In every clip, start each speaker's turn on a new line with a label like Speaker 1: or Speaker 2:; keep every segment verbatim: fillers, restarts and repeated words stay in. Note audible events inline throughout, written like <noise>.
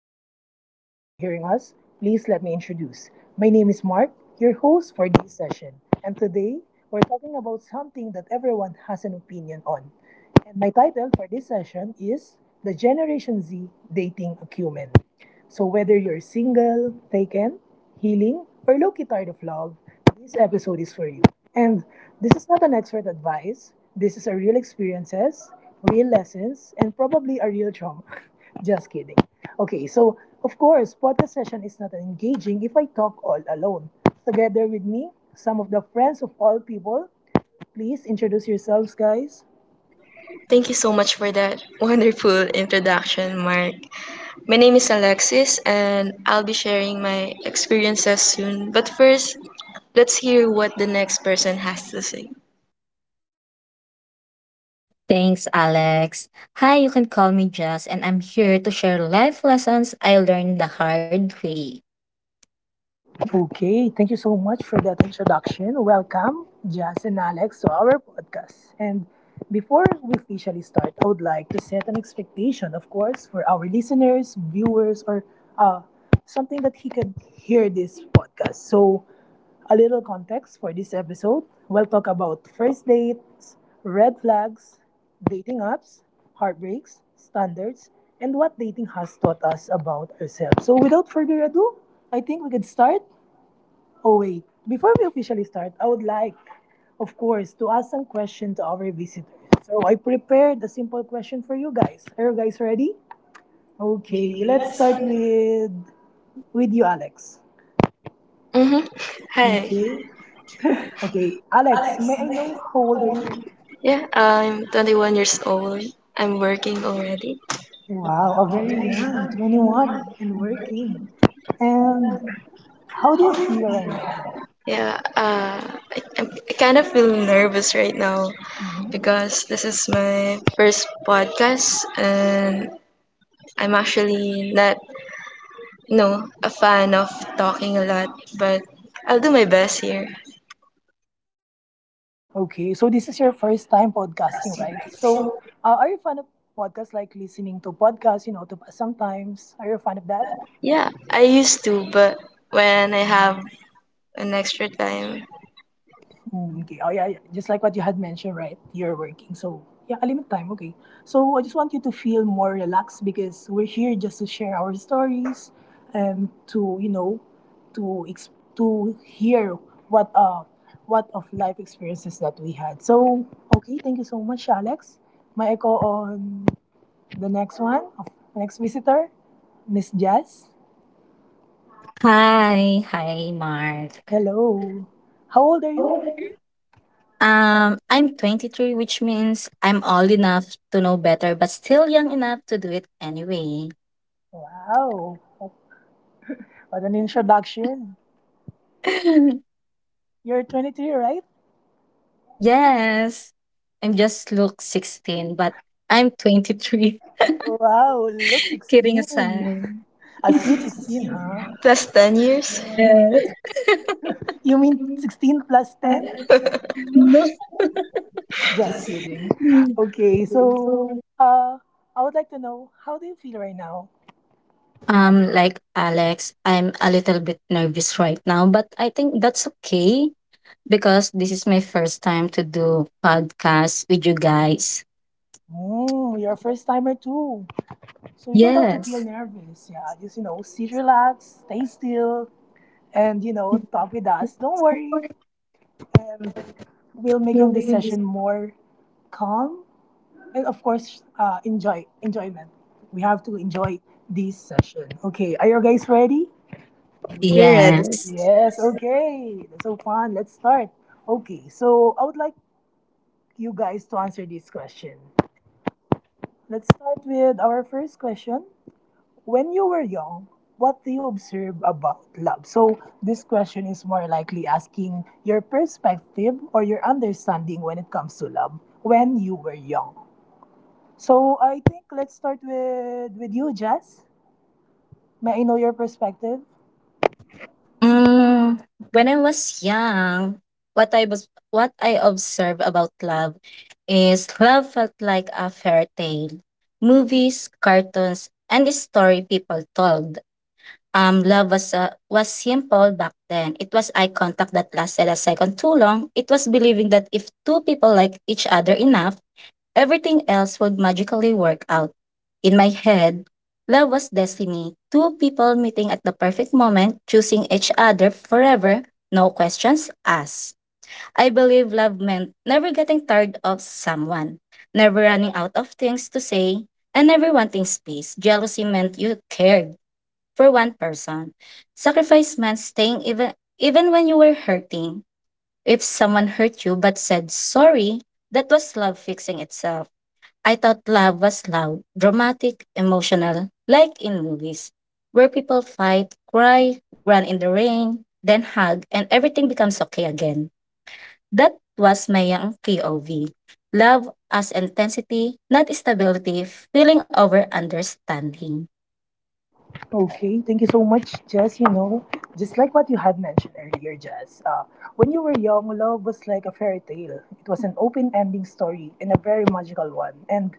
Speaker 1: if this is your first time hearing us, please let me introduce. My name is Mark, your host for this session. And today, we're talking about something that everyone has an opinion on. And my title for this session is The Generation Z Dating Acumen. So, whether you're single, taken, healing, or low key tired of love, this episode is for you. And this is not an expert advice. This is a real experiences, real lessons, and probably a real trauma. <laughs> Just kidding. Okay, so of course, podcast session is not engaging if I talk all alone. Together with me, some of the friends of all people. Please introduce yourselves, guys.
Speaker 2: Thank you so much for that wonderful introduction, Mark. My name is Alexis, and I'll be sharing my experiences soon. But first, let's hear what the next person has to say.
Speaker 3: Thanks, Alex. Hi, you can call me Jess, and I'm here to share life lessons I learned the hard way.
Speaker 1: Okay, thank you so much for that introduction. Welcome, Jazz and Alex, to our podcast. And before we officially start, I would like to set an expectation, of course, for our listeners, viewers, or uh, something that he can hear this podcast. So, a little context for this episode. We'll talk about first dates, red flags, dating apps, heartbreaks, standards, and what dating has taught us about ourselves. So, without further ado, I think we could start. Oh, wait. Before we officially start, I would like, of course, to ask some questions to our visitors. So I prepared a simple question for you guys. Are you guys ready? Okay, let's start with with you, Alex.
Speaker 2: Mm-hmm. Hi.
Speaker 1: Okay. Okay, Alex, may I know how old are you?
Speaker 2: Yeah, I'm 21 years old. I'm working already.
Speaker 1: Wow, a very young, twenty-one and working. And how do you feel right now?
Speaker 2: Yeah, uh, I, I'm, I kind of feel nervous right now because this is my first podcast and I'm actually not. No, a fan of talking a lot, but I'll do my best here.
Speaker 1: Okay, so this is your first time podcasting, right? So, uh, are you a fan of podcasts like listening to podcasts, you know, to pass sometimes? Are you a fan of that?
Speaker 2: Yeah, I used to, but when I have an extra time,
Speaker 1: Mm, okay, oh yeah, yeah, just like what you had mentioned, right? You're working, so yeah, a limit time, okay. So, I just want you to feel more relaxed because we're here just to share our stories and to, you know, to ex- to hear what uh what of life experiences that we had. So, okay, thank you so much, Alex. May I go on the next one, next visitor, Miss Jazz.
Speaker 3: Hi, hi, Mark.
Speaker 1: Hello. How old are you?
Speaker 3: Um, I'm twenty-three, which means I'm old enough to know better, but still young enough to do it anyway.
Speaker 1: Wow. What an introduction.
Speaker 3: <laughs>
Speaker 1: You're twenty-three, right?
Speaker 3: yes, I'm just look sixteen, but I'm twenty-three.
Speaker 1: Wow, look
Speaker 3: <laughs> Kidding
Speaker 1: sixteen.
Speaker 3: aside.
Speaker 1: A sweet
Speaker 3: <laughs>
Speaker 1: sixteen, huh?
Speaker 2: plus 10 years,
Speaker 3: yes.
Speaker 1: You mean sixteen plus ten?
Speaker 3: <laughs> no.
Speaker 1: Just kidding. Okay, so uh, I would like to know how do you feel right now?
Speaker 3: Um, like Alex, I'm a little bit nervous right now, but I think that's okay because this is my first time to do podcast with you guys.
Speaker 1: Mm, you're a first timer too. So you don't have to feel
Speaker 3: Yes.
Speaker 1: nervous. Yeah, just you know, sit relaxed, stay still, and you know talk with us. Don't worry, and we'll making this session more calm and of course uh, enjoy enjoyment. We have to enjoy this session. Okay, are you guys ready?
Speaker 2: we're ready.
Speaker 3: Yes.
Speaker 1: Yes. Okay, that's so fun. Let's start. Okay, so I would like you guys to answer this question. Let's start with our first question. When you were young, what do you observe about love? So, this question is more likely asking your perspective or your understanding when it comes to love when you were young. So, I think let's start with with you, Jess. May I know your perspective?
Speaker 3: Mm, when I was young, what I was what I observed about love is love felt like a fairy tale. Movies, cartoons, and the story people told. Um, love was uh, was simple back then. It was eye contact that lasted a second too long. It was believing that if two people like each other enough, everything else would magically work out. In my head, love was destiny. Two people meeting at the perfect moment, choosing each other forever, no questions asked. I believe love meant never getting tired of someone, never running out of things to say, and never wanting space. Jealousy meant you cared for one person. Sacrifice meant staying even even when you were hurting. If someone hurt you but said sorry, that was love fixing itself. I thought love was loud, dramatic, emotional, like in movies, where people fight, cry, run in the rain, then hug, and everything becomes okay again. That was my young P O V. Love as intensity, not stability, feeling over understanding.
Speaker 1: Okay, thank you so much, Jess. You know, just like what you had mentioned earlier, Jess, uh, when you were young, love was like a fairy tale. It was an open ending story and a very magical one. And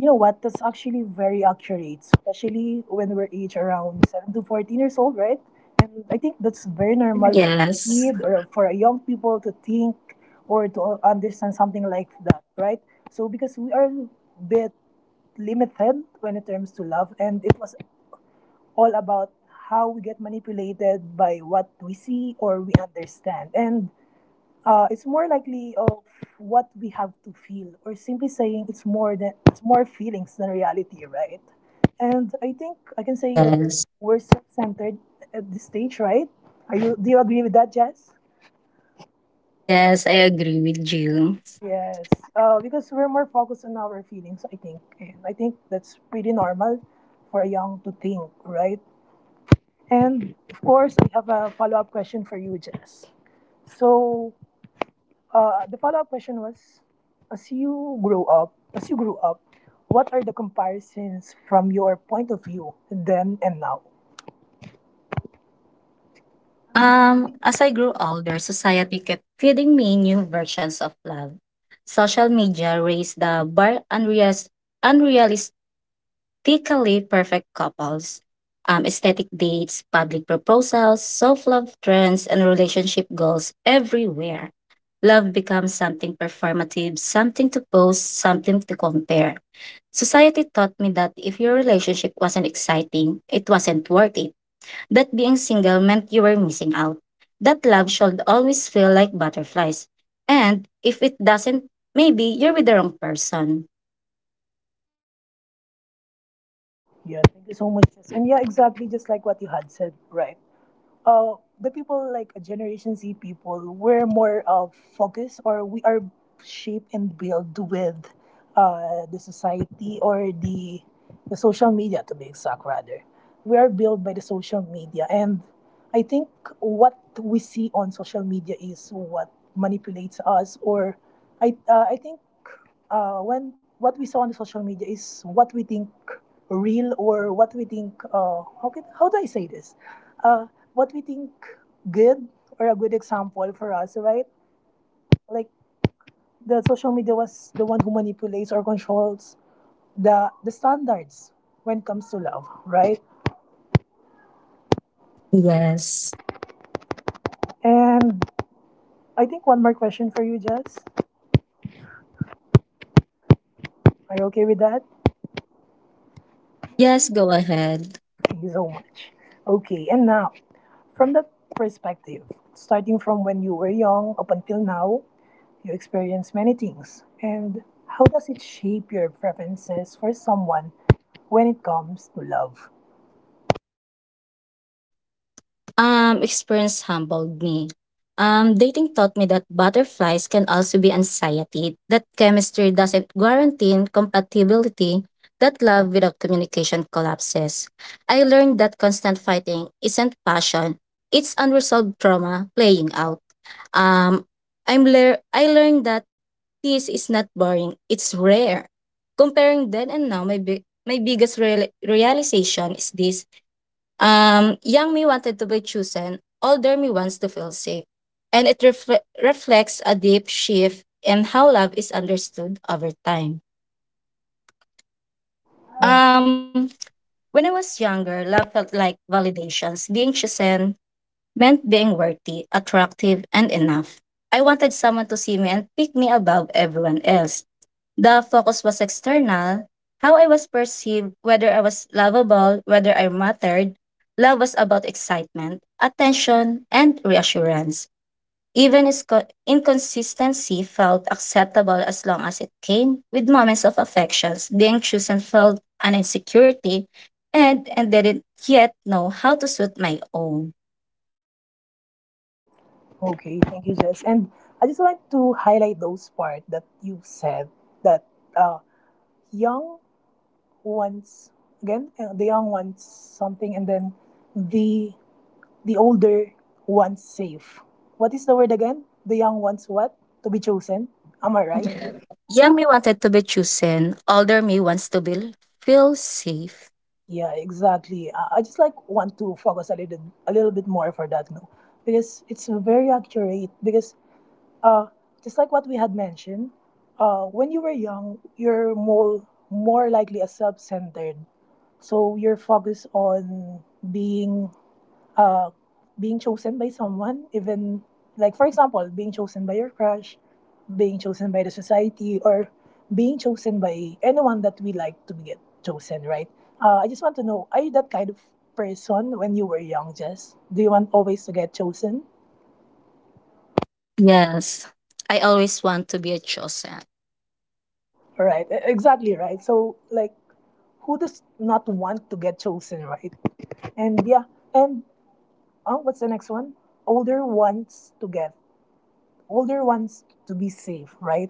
Speaker 1: you know what? That's actually very accurate, especially when we're age around seven to fourteen years old, right? And I think that's very normal for a
Speaker 3: Yes.
Speaker 1: kid or for a young people to think or to understand something like that, right? So because we are a bit limited when it comes to love and it was all about how we get manipulated by what we see or we understand. And uh, it's more likely of what we have to feel, or simply saying it's more than it's more feelings than reality, right? And I think I can say that
Speaker 3: Yes.
Speaker 1: we're self-centered at this stage, right? Are you? Do you agree with that, Jess?
Speaker 3: Yes, I agree with you.
Speaker 1: Yes, uh, because we're more focused on our feelings, I think. And I think that's pretty normal for a young to think, right? And of course, I have a follow up question for you, Jess. So, Uh, the follow-up question was, as you grow up, as you grew up, what are the comparisons from your point of view then and now?
Speaker 3: Um, as I grew older, society kept feeding me new versions of love. Social media raised the bar unreas- unrealistically perfect couples, um, aesthetic dates, public proposals, self-love trends, and relationship goals everywhere. Love becomes something performative, something to post, something to compare. Society taught me that if your relationship wasn't exciting, it wasn't worth it. That being single meant you were missing out. That love should always feel like butterflies. And if it doesn't, maybe you're with the wrong person.
Speaker 1: Yeah, thank you so much, Jess. And yeah, exactly just like what you had said, right? uh, the people like Generation Z people, we're more uh, focused or we are shaped and built with uh, the society or the the social media to be exact rather. We are built by the social media and I think what we see on social media is what manipulates us or I uh, I think uh, when what we saw on the social media is what we think real or what we think uh, how can how do I say this? Uh, what we think good or a good example for us, right? Like the social media was the one who manipulates or controls the the standards when it comes to love, right?
Speaker 3: Yes.
Speaker 1: And I think one more question for you, Jess. Are you okay with that?
Speaker 3: Yes, go ahead.
Speaker 1: Thank you so much. Okay, and now from that perspective, starting from when you were young up until now, you experienced many things. And how does it shape your preferences for someone when it comes to love?
Speaker 3: Um, experience humbled me. Um, dating taught me that butterflies can also be anxiety, that chemistry doesn't guarantee compatibility, that love without communication collapses. I learned that constant fighting isn't passion, it's unresolved trauma playing out. Um, I'm lear I learned that peace is not boring, it's rare. Comparing then and now, my big my biggest real- realization is this. Um, young me wanted to be chosen, older me wants to feel safe. And it refle- reflects a deep shift in how love is understood over time. Um, when I was younger, love felt like validations, being chosen, meant being worthy, attractive, and enough. I wanted someone to see me and pick me above everyone else. The focus was external, how I was perceived, whether I was lovable, whether I mattered. Love was about excitement, attention, and reassurance. Even is- Inconsistency felt acceptable as long as it came with moments of affections. Being chosen felt an insecurity, and, and didn't yet know how to suit my own.
Speaker 1: Okay, thank you, Jess. And I just want to highlight those part that you said that uh, young wants again uh, the young wants something, and then the the older wants safe. What is the word again? The young wants what, to be chosen. Am I right?
Speaker 3: Young me wanted to be chosen, older me wants to be feel safe.
Speaker 1: Yeah, exactly. Uh, I just like want to focus a little a little bit more for that, no, because it's very accurate. Because Uh, just like what we had mentioned, uh, when you were young, you're more, more likely a self centered. So you're focused on being uh, being chosen by someone, even like, for example, being chosen by your crush, being chosen by the society, or being chosen by anyone that we like to get chosen, right? Uh, I just want to know are you that kind of person when you were young, Jess? Do you want always to get chosen?
Speaker 3: Yes. I always want to be a chosen.
Speaker 1: Right, e- exactly right. So, like, who does not want to get chosen, right? And yeah, and uh, what's the next one? Older wants to get Older wants to be safe, right?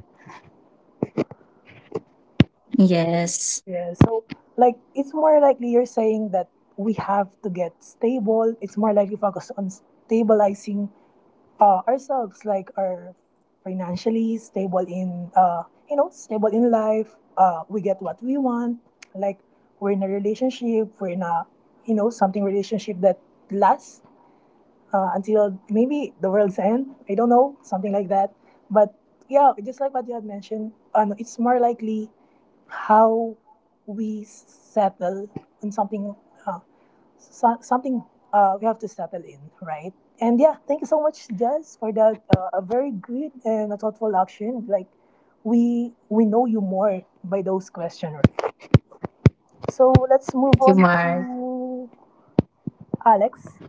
Speaker 3: Yes.
Speaker 1: Yeah. So like it's more likely you're saying that we have to get stable. It's more likely focus on stabilizing uh, ourselves, like our financially stable in uh you know stable in life. Uh, we get what we want. Like we're in a relationship. We're in a you know something relationship that lasts uh, until maybe the world's end. I don't know, something like that. But yeah, just like what you had mentioned, ano, it's more likely how we settle on something, uh, so, something uh, we have to settle in, right? And yeah, thank you so much, Jess, for that uh, a very good and a thoughtful action. Like we we know you more by those questions, right? So let's move on to Alex.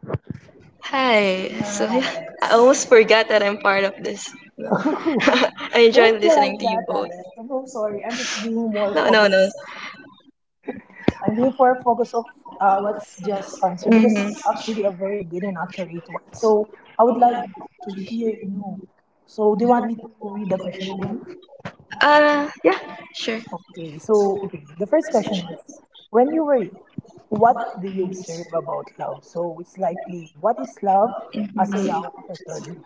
Speaker 2: Hi,
Speaker 1: Hi,
Speaker 2: so <laughs> yeah,
Speaker 1: Alex.
Speaker 2: I almost forgot that I'm part of this. No. <laughs>
Speaker 1: <laughs>
Speaker 2: I
Speaker 1: Don't
Speaker 2: enjoyed
Speaker 1: be like
Speaker 2: listening to
Speaker 1: that,
Speaker 2: you both.
Speaker 1: Alex. I'm so sorry. I'm just being more
Speaker 2: No, no,
Speaker 1: focused.
Speaker 2: no.
Speaker 1: I'm being more focused of uh, what's just answered because it's
Speaker 2: hmm
Speaker 1: actually a very good and accurate one. So I would like to hear you. So do you want me to read the question again?
Speaker 2: Uh, yeah, sure.
Speaker 1: Okay. So okay, the first question was, when you were young, what do you observe about love? So it's likely what is love as a
Speaker 2: Mm,
Speaker 1: young person?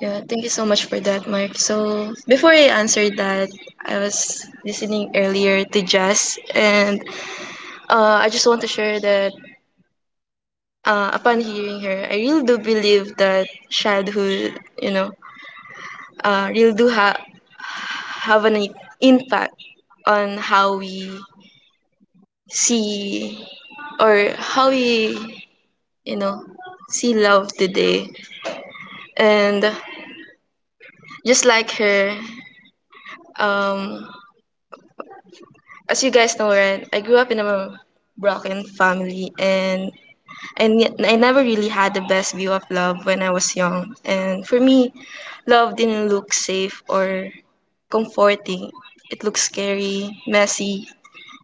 Speaker 2: Yeah, thank you so much for that, Mark. So, before I answered that, I was listening earlier to Jazz, and Uh, I just want to share that uh, upon hearing her, I really do believe that childhood, you know, uh, really do ha- have an impact on how we see or how we, you know, see love today. And just like her, um, as you guys know, right, I grew up in a broken family, and and yet I never really had the best view of love when I was young. And for me, love didn't look safe or comforting. It looked scary, messy,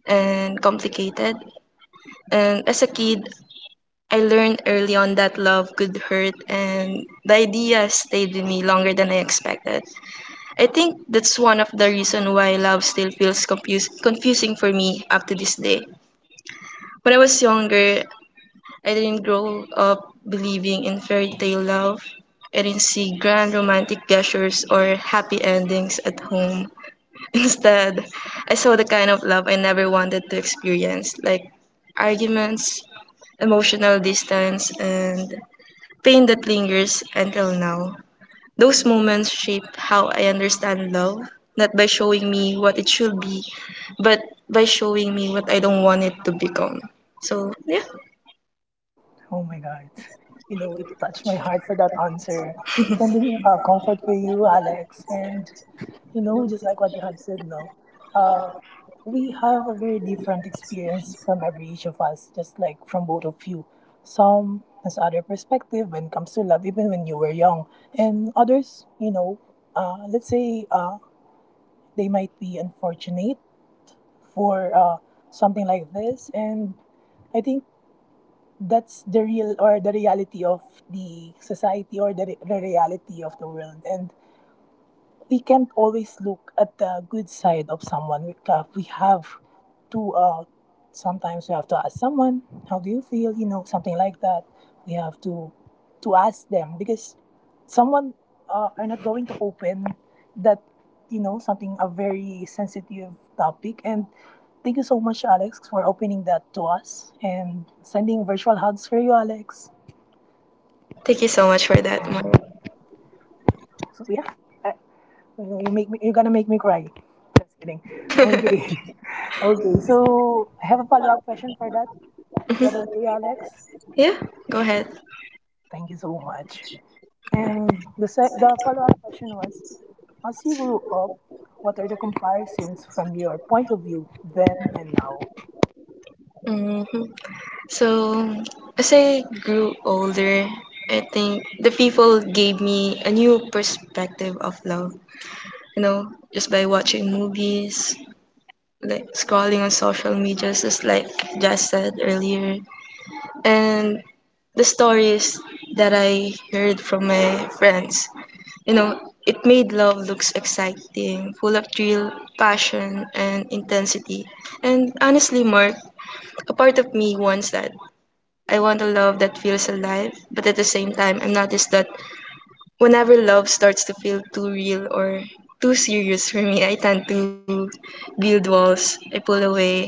Speaker 2: and complicated. And as a kid, I learned early on that love could hurt, and the idea stayed with me longer than I expected. I think that's one of the reasons why love still feels confuse- confusing for me up to this day. When I was younger, I didn't grow up believing in fairy tale love. I didn't see grand romantic gestures or happy endings at home. <laughs> Instead, I saw the kind of love I never wanted to experience, like arguments, emotional distance, and pain that lingers until now. Those moments shaped how I understand love, not by showing me what it should be, but by showing me what I don't want it to become. So, yeah,
Speaker 1: Oh my God. You know, it touched my heart for that answer. Sending uh, comfort for you, Alex. And, you know, just like what you have said, no, uh, we have a very different experience from every each of us, just like from both of you. Some has other perspective when it comes to love, even when you were young. And others, you know, uh, let's say uh, they might be unfortunate for uh, something like this. And I think that's the real or the reality of the society or the, re- the reality of the world and we can not always look at the good side of someone. We ca- we have to uh, sometimes we have to ask someone, "How do you feel?" You know, something like that. We have to to ask them because someone uh, are not going to open that you know something a very sensitive topic. And thank you so much, Alex, for opening that to us and sending virtual hugs for you, Alex.
Speaker 2: thank you so much for that, Mon.
Speaker 1: So yeah, I, you make me, you're gonna make me cry. Just kidding. Okay. <laughs>
Speaker 2: <laughs>
Speaker 1: Okay, so I have a follow up question for that. Is that
Speaker 2: Mhm.
Speaker 1: okay, Alex?
Speaker 2: Yeah, go ahead.
Speaker 1: Thank you so much. And the, se- the follow up question was, as you grew up, what are the comparisons from your point of view then and now?
Speaker 2: hmm So, as I grew older, I think the people gave me a new perspective of love. You know, just by watching movies, like scrolling on social media, just like Jess said earlier, and the stories that I heard from my friends. You know, it made love looks exciting, full of thrill, passion, and intensity. And honestly, Mark, a part of me wants that. I want a love that feels alive, but at the same time, I've noticed that whenever love starts to feel too real or too serious for me, I tend to build walls. I pull away.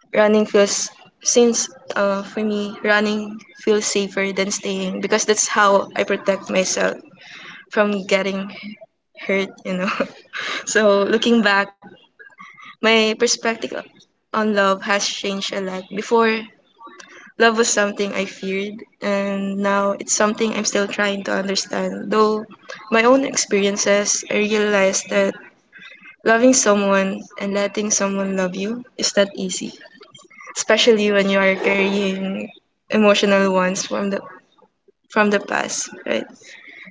Speaker 2: Running feels, since uh, for me, running feels safer than staying, because that's how I protect myself from getting hurt, you know. <laughs> So looking back, my perspective on love has changed a lot. Before, love was something I feared, and now it's something I'm still trying to understand. Though my own experiences, I realized that loving someone and letting someone love you is not easy, especially when you are carrying emotional ones from the from the past, right?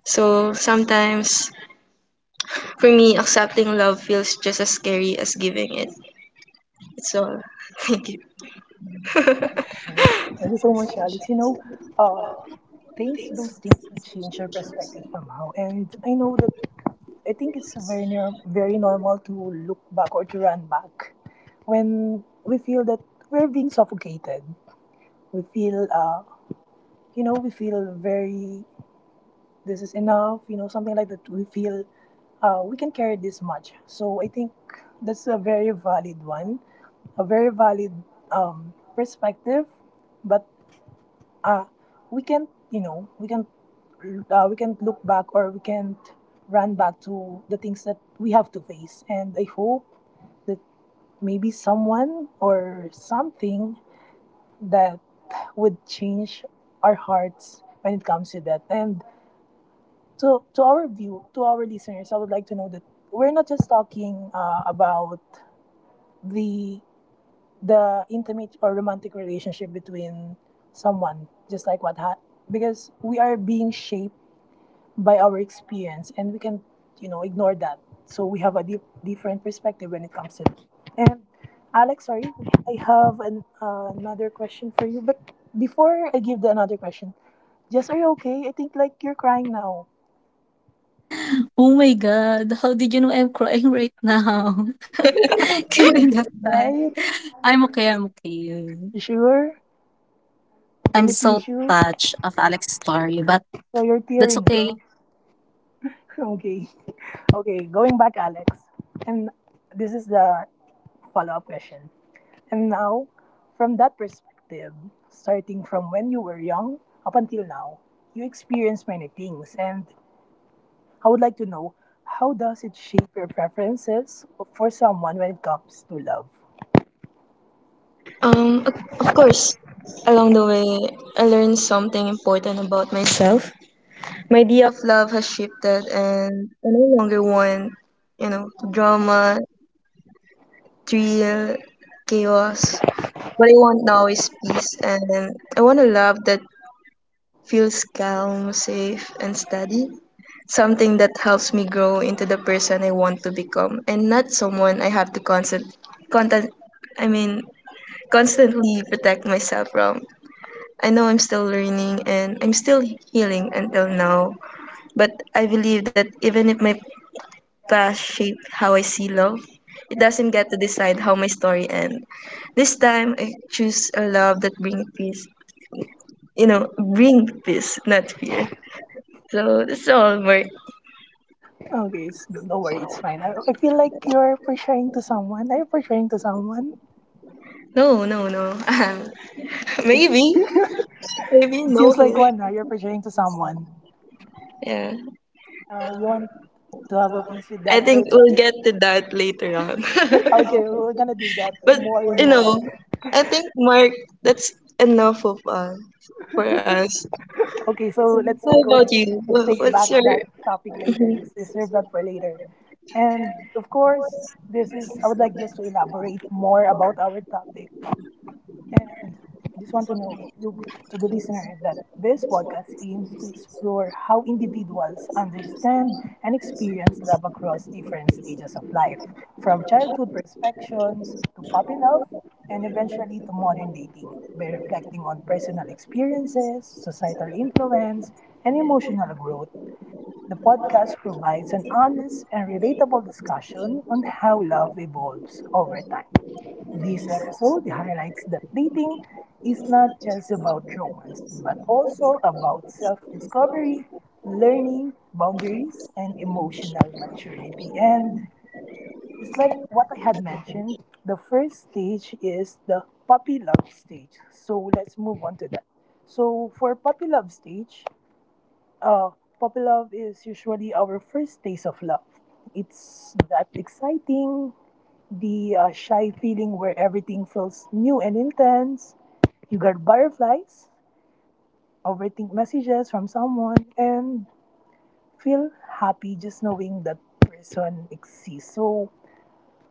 Speaker 2: So sometimes for me accepting love feels just as scary as giving it. It's all. <laughs> Thank you. <laughs>
Speaker 1: Thank you so much, Alex. You know, uh, Thanks to those things that change your perspective somehow. And I know that I think it's very, nor- very normal to look back or to run back when we feel that we're being suffocated. We feel uh, you know we feel very this is enough you know something like that, we feel uh, we can carry this much, so I think that's a very valid one, a very valid um, perspective, but uh, we can't, you know we can't, uh, we can't look back or we can't run back to the things that we have to face, and I hope that maybe someone or something that would change our hearts when it comes to that. And so, to our view, to our listeners, I would like to know that we're not just talking uh, about the the intimate or romantic relationship between someone, just like what ha- because we are being shaped by our experience, and we can you know ignore that. So we have a deep, different perspective when it comes to that. And Alex, sorry, I have an, uh, another question for you. But before I give the another question, just, are you okay? I think like you're crying now,
Speaker 3: Oh my god, how did you know I'm crying right now? <laughs> Kidding aside.
Speaker 1: right?
Speaker 3: I'm okay, I'm okay.
Speaker 1: You sure?
Speaker 3: I'm
Speaker 1: Clean a
Speaker 3: so
Speaker 1: tissue.
Speaker 3: touched of Alex's story, but
Speaker 1: So you're
Speaker 3: that's
Speaker 1: tearing, huh?
Speaker 3: okay.
Speaker 1: <laughs> Okay. Okay, going back, Alex. And this is the follow up question. And now, from that perspective, starting from when you were young up until now, you experienced many things. And I would like to know, how does it shape your preferences for someone when it comes to love?
Speaker 2: Um, of of course, along the way, I learned something important about myself. Idea of love has shifted, and I no longer want, you know, drama, thrill, chaos. What I want now is peace, and I want a love that feels calm, safe, and steady. Something that helps me grow into the person I want to become, and not someone I have to constant, content, I mean, constantly protect myself from. I know I'm still learning and I'm still healing until now, but I believe that even if my past shaped how I see love, it doesn't get to decide how my story ends. This time, I choose a love that brings peace. You know, bring peace, not fear. So that's all, Mark.
Speaker 1: Okay, it's, not worry, it's fine. I, I feel like you're portraying to someone. Are you portraying to someone?
Speaker 2: No, no, no. <laughs> Um,
Speaker 1: It's, <laughs>
Speaker 2: maybe,
Speaker 1: it
Speaker 2: maybe
Speaker 1: seems
Speaker 2: no.
Speaker 1: like one, huh? You're portraying to someone.
Speaker 2: Yeah,
Speaker 1: Uh, you want to have a peace with
Speaker 2: I
Speaker 1: that
Speaker 2: think
Speaker 1: person?
Speaker 2: we'll
Speaker 1: <laughs>
Speaker 2: get to that later on. <laughs>
Speaker 1: Okay, we're gonna dig that
Speaker 2: But
Speaker 1: more and
Speaker 2: you
Speaker 1: more.
Speaker 2: know, I think, Mark, that's enough of us for us.
Speaker 1: Okay, so let's
Speaker 2: How
Speaker 1: go.
Speaker 2: about you?
Speaker 1: Let's
Speaker 2: Wha-
Speaker 1: take
Speaker 2: What's
Speaker 1: back
Speaker 2: your
Speaker 1: that topic later. Let's reserve that for later. And of course, this is, I would like just to elaborate more about our topic. And I just want to know you, to the listener, that this podcast aims to explore how individuals understand and experience love across different stages of life, from childhood perspectives to puppy love and eventually to modern dating, by reflecting on personal experiences, societal influence, and emotional growth. The podcast provides an honest and relatable discussion on how love evolves over time. This episode highlights that dating is not just about romance, but also about self discovery, learning, boundaries, and emotional maturity. And just like what I had mentioned, the first stage is the puppy love stage. So let's move on to that. So for puppy love stage, uh, puppy love is usually our first taste of love. It's that exciting, the uh, shy feeling where everything feels new and intense. You get butterflies, overthink messages from someone, and feel happy just knowing that person exists. So,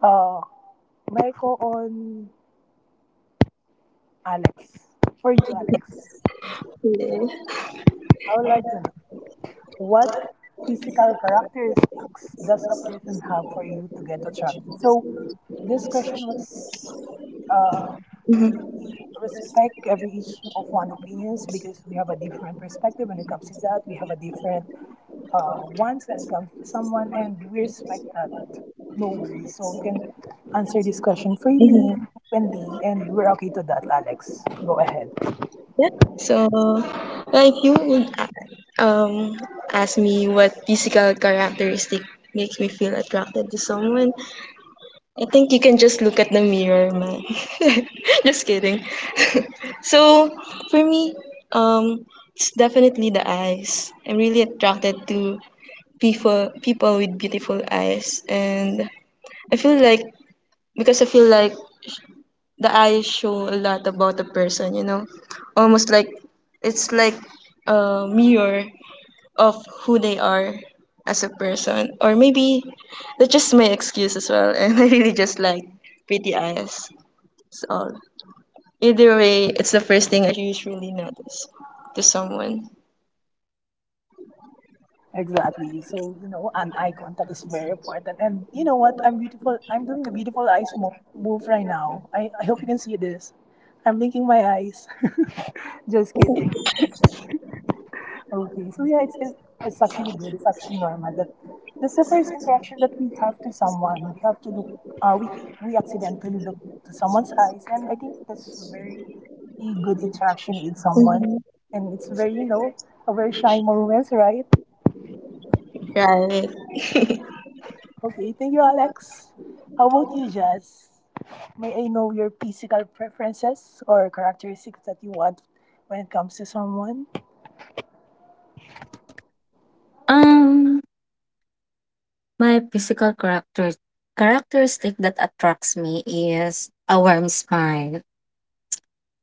Speaker 1: uh, Michael on Alex. For you, Alex, I would like to know what physical characteristics does a person have for you to get attracted? So, this question was, uh, we respect every each of one opinions because we have a different perspective when it comes to that. We have a different uh, wants when it comes to someone, and we respect that. No worries. So you can answer this question freely,
Speaker 2: Mhm.
Speaker 1: openly, and we're okay to that, Alex. Go ahead.
Speaker 2: yeah? So, yeah, if you would a- um ask me what physical characteristic makes me feel attracted to someone, I think you can just look at the mirror, man. <laughs> Just kidding. So for me, um, it's definitely the eyes. I'm really attracted to people people with beautiful eyes and I feel like because I feel like the eyes show a lot about a person, you know. Almost like it's like a mirror of who they are as a person. Or maybe that's just my excuse as well. <laughs> And I really just like pretty eyes. That's all. Either way, it's the first thing I usually notice to someone.
Speaker 1: Exactly. So you know, an eye contact is very important. And you know what? I'm beautiful. I'm doing a beautiful eyes mo- move right now. I, I hope you can see this. I'm blinking my eyes. <laughs> Just kidding. Okay, so yeah, it's, it's it's actually good. It's actually normal that that's the first interaction that we have to someone. We have to look. Uh, we we accidentally look to someone's eyes, and I think that's very a good interaction with someone, and it's very you know a very shy moment, right?
Speaker 2: Right.
Speaker 1: Okay, thank you, Alex. How about you, Jazz? May I know your physical preferences or characteristics that you want when it comes to someone?
Speaker 3: Um my physical character characteristic that attracts me is a warm smile.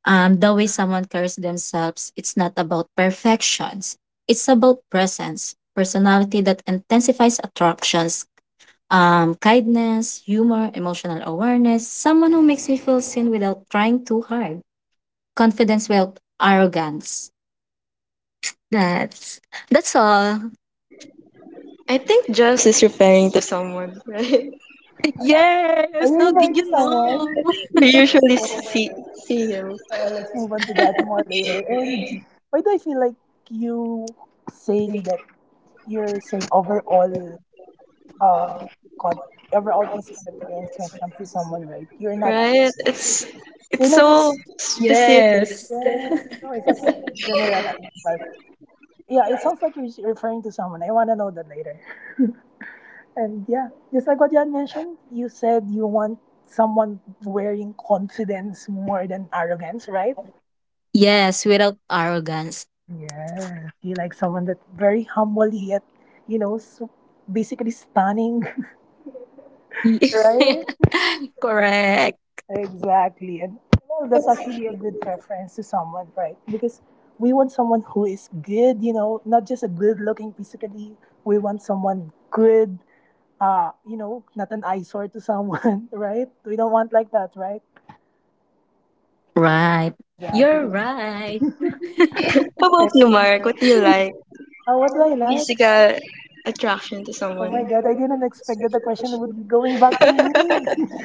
Speaker 3: um, The way someone carries themselves, it's not about perfections. It's about presence, personality that intensifies attractions, um, kindness, humor, emotional awareness, someone who makes me feel seen without trying too hard, confidence without arrogance. That's that's all.
Speaker 2: I think just is referring to someone, <laughs> right?
Speaker 3: <laughs>
Speaker 1: Are
Speaker 3: Yes.
Speaker 1: you
Speaker 3: How did
Speaker 1: referring to
Speaker 3: you know?
Speaker 1: someone?
Speaker 2: We usually see see him,
Speaker 1: Uh, let's move on to that more later. And why do I feel like you saying that you're saying overall, uh, con- overall physical appearance when it comes to someone, right? You're not,
Speaker 2: right? It's it's
Speaker 1: you're not,
Speaker 2: so specific.
Speaker 3: Yes.
Speaker 1: yeah, no, it's actually general. But yeah, it sounds like you're s- referring to someone. I want to know that later. And yeah, just like what you had mentioned, you said you want someone wearing confidence more than arrogance, right?
Speaker 3: Yes, without arrogance. <laughs>
Speaker 1: Yes, you like someone that very humble yet, you know, so basically stunning, <laughs>
Speaker 3: Yes.
Speaker 1: right?
Speaker 3: <laughs> Correct.
Speaker 1: Exactly. And well, that's actually a good preference to someone, right? Because we want someone who is good, you know, not just a good looking physically. We want someone good, uh, you know, not an eyesore to someone, <laughs> right? We don't want like that, right?
Speaker 3: Right.
Speaker 1: Exactly.
Speaker 3: You're right.
Speaker 2: How about
Speaker 1: And,
Speaker 2: you, Mark? What do you like?
Speaker 1: uh, what do I like?
Speaker 2: Physical attraction to
Speaker 1: Oh
Speaker 2: someone?
Speaker 1: my God, I didn't expect that the question would be going back to me.
Speaker 2: <laughs>
Speaker 1: <laughs>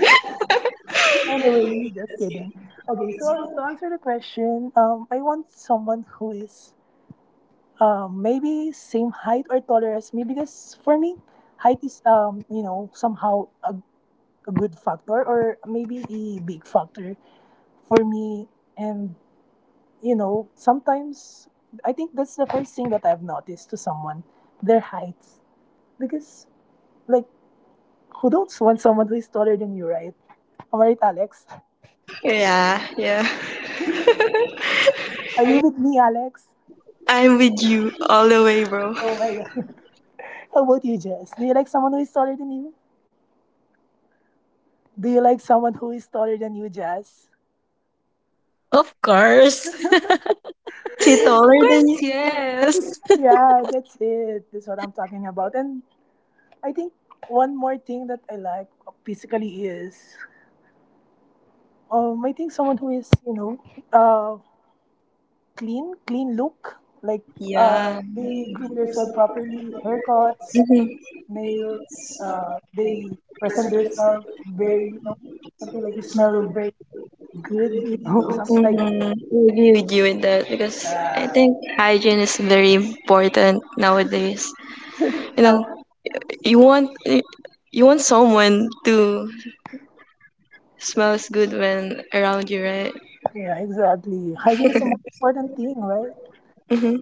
Speaker 1: Anyway, just kidding. Okay, so to answer the question, um, I want someone who is um, maybe same height or taller as me, because for me, height is um, you know, somehow a, a good factor or maybe a big factor for me. And you know, sometimes I think that's the first thing that I've noticed to someone, their height, because like, who don't want someone who is taller than you, right? Am I right, Alex?
Speaker 2: Yeah, yeah. <laughs>
Speaker 1: Are you with me, Alex?
Speaker 2: I'm with you all the way, bro.
Speaker 1: Oh my god. How about you, Jess? Do you like someone who is taller than you? Do you like someone who is taller than you, Jess?
Speaker 3: Of course. <laughs> Of
Speaker 2: Is he
Speaker 1: <laughs>
Speaker 2: taller than you?
Speaker 3: course, yes.
Speaker 1: Yeah, that's it. That's what I'm talking about. And I think one more thing that I like physically is um I think someone who is, you know, uh clean, clean look. Like uh
Speaker 2: Yeah.
Speaker 1: they groom themselves properly, haircuts,
Speaker 2: Mm-hmm.
Speaker 1: nails, uh they present themselves very, you know, something like you smell very good, you know, <laughs> something like
Speaker 2: Mm-hmm. I agree with you with that because I
Speaker 1: that.
Speaker 2: think hygiene is very important nowadays. You
Speaker 1: Uh,
Speaker 2: know, you want you want someone to smells good when around you, right?
Speaker 1: Yeah, exactly. Hygiene is the most important thing, right?
Speaker 2: Mm-hmm.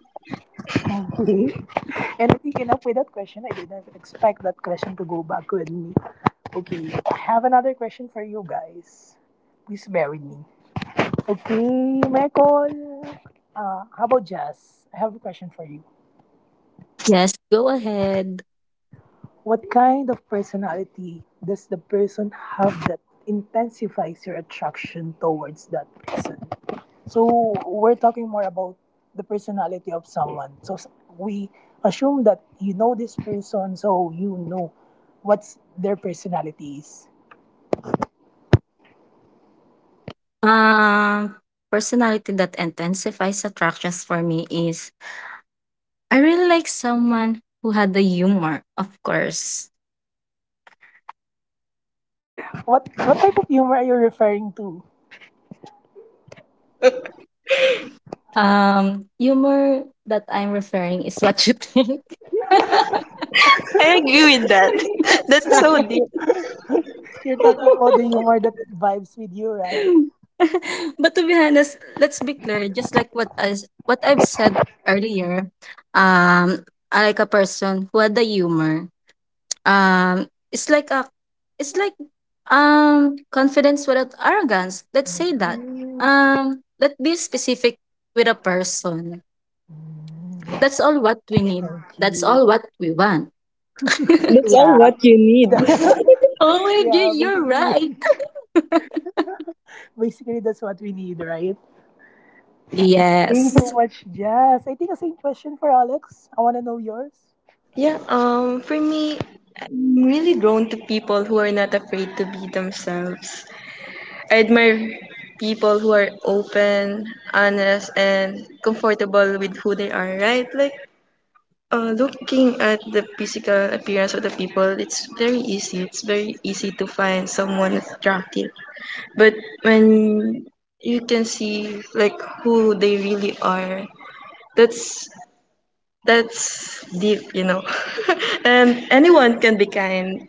Speaker 1: Okay. <laughs> And I think enough with that question. I didn't expect that question to go back with me. Okay, I have another question for you guys. Please bear with me. Okay, Michael. Uh, how about Jazz? I have a question for you.
Speaker 3: Yes, go ahead.
Speaker 1: What kind of personality does the person have that intensifies your attraction towards that person? So we're talking more about the personality of someone. So s- we assume that you know this person, so you know what's their personality is.
Speaker 3: Um, Personality that intensifies attractions for me is I really like someone who had the humor, of course.
Speaker 1: What what type of humor are you referring to?
Speaker 3: Um, humor that I'm referring is what you think. <laughs>
Speaker 2: I agree with that. <laughs> That's so deep.
Speaker 3: Sorry.
Speaker 1: You're talking about the
Speaker 3: <laughs>
Speaker 1: humor that vibes with you, right?
Speaker 3: <laughs> But to be honest, let's be clear, just like what as what I've said earlier, um, I like a person who had the humor. Um, it's like a it's like um confidence without arrogance. Let's say that. Um, let's be specific with a person. That's all what we need.
Speaker 1: Thank
Speaker 3: That's
Speaker 1: you.
Speaker 3: all what we want. <laughs>
Speaker 1: Yeah. <laughs>
Speaker 3: Oh my god,
Speaker 1: Yeah,
Speaker 3: you're
Speaker 1: basically,
Speaker 3: right. <laughs>
Speaker 1: basically that's what we need, right? Thank you so
Speaker 3: Yes.
Speaker 1: much, Jazz. I think the same question for Alex. I wanna know yours.
Speaker 2: Yeah, um, for me, I'm really drawn to people who are not afraid to be themselves. I admire people who are open, honest, and comfortable with who they are, right? Like, uh, looking at the physical appearance of the people, it's very easy. It's very easy to find someone attractive. But when you can see like who they really are, that's that's deep, you know. <laughs> And anyone can be kind,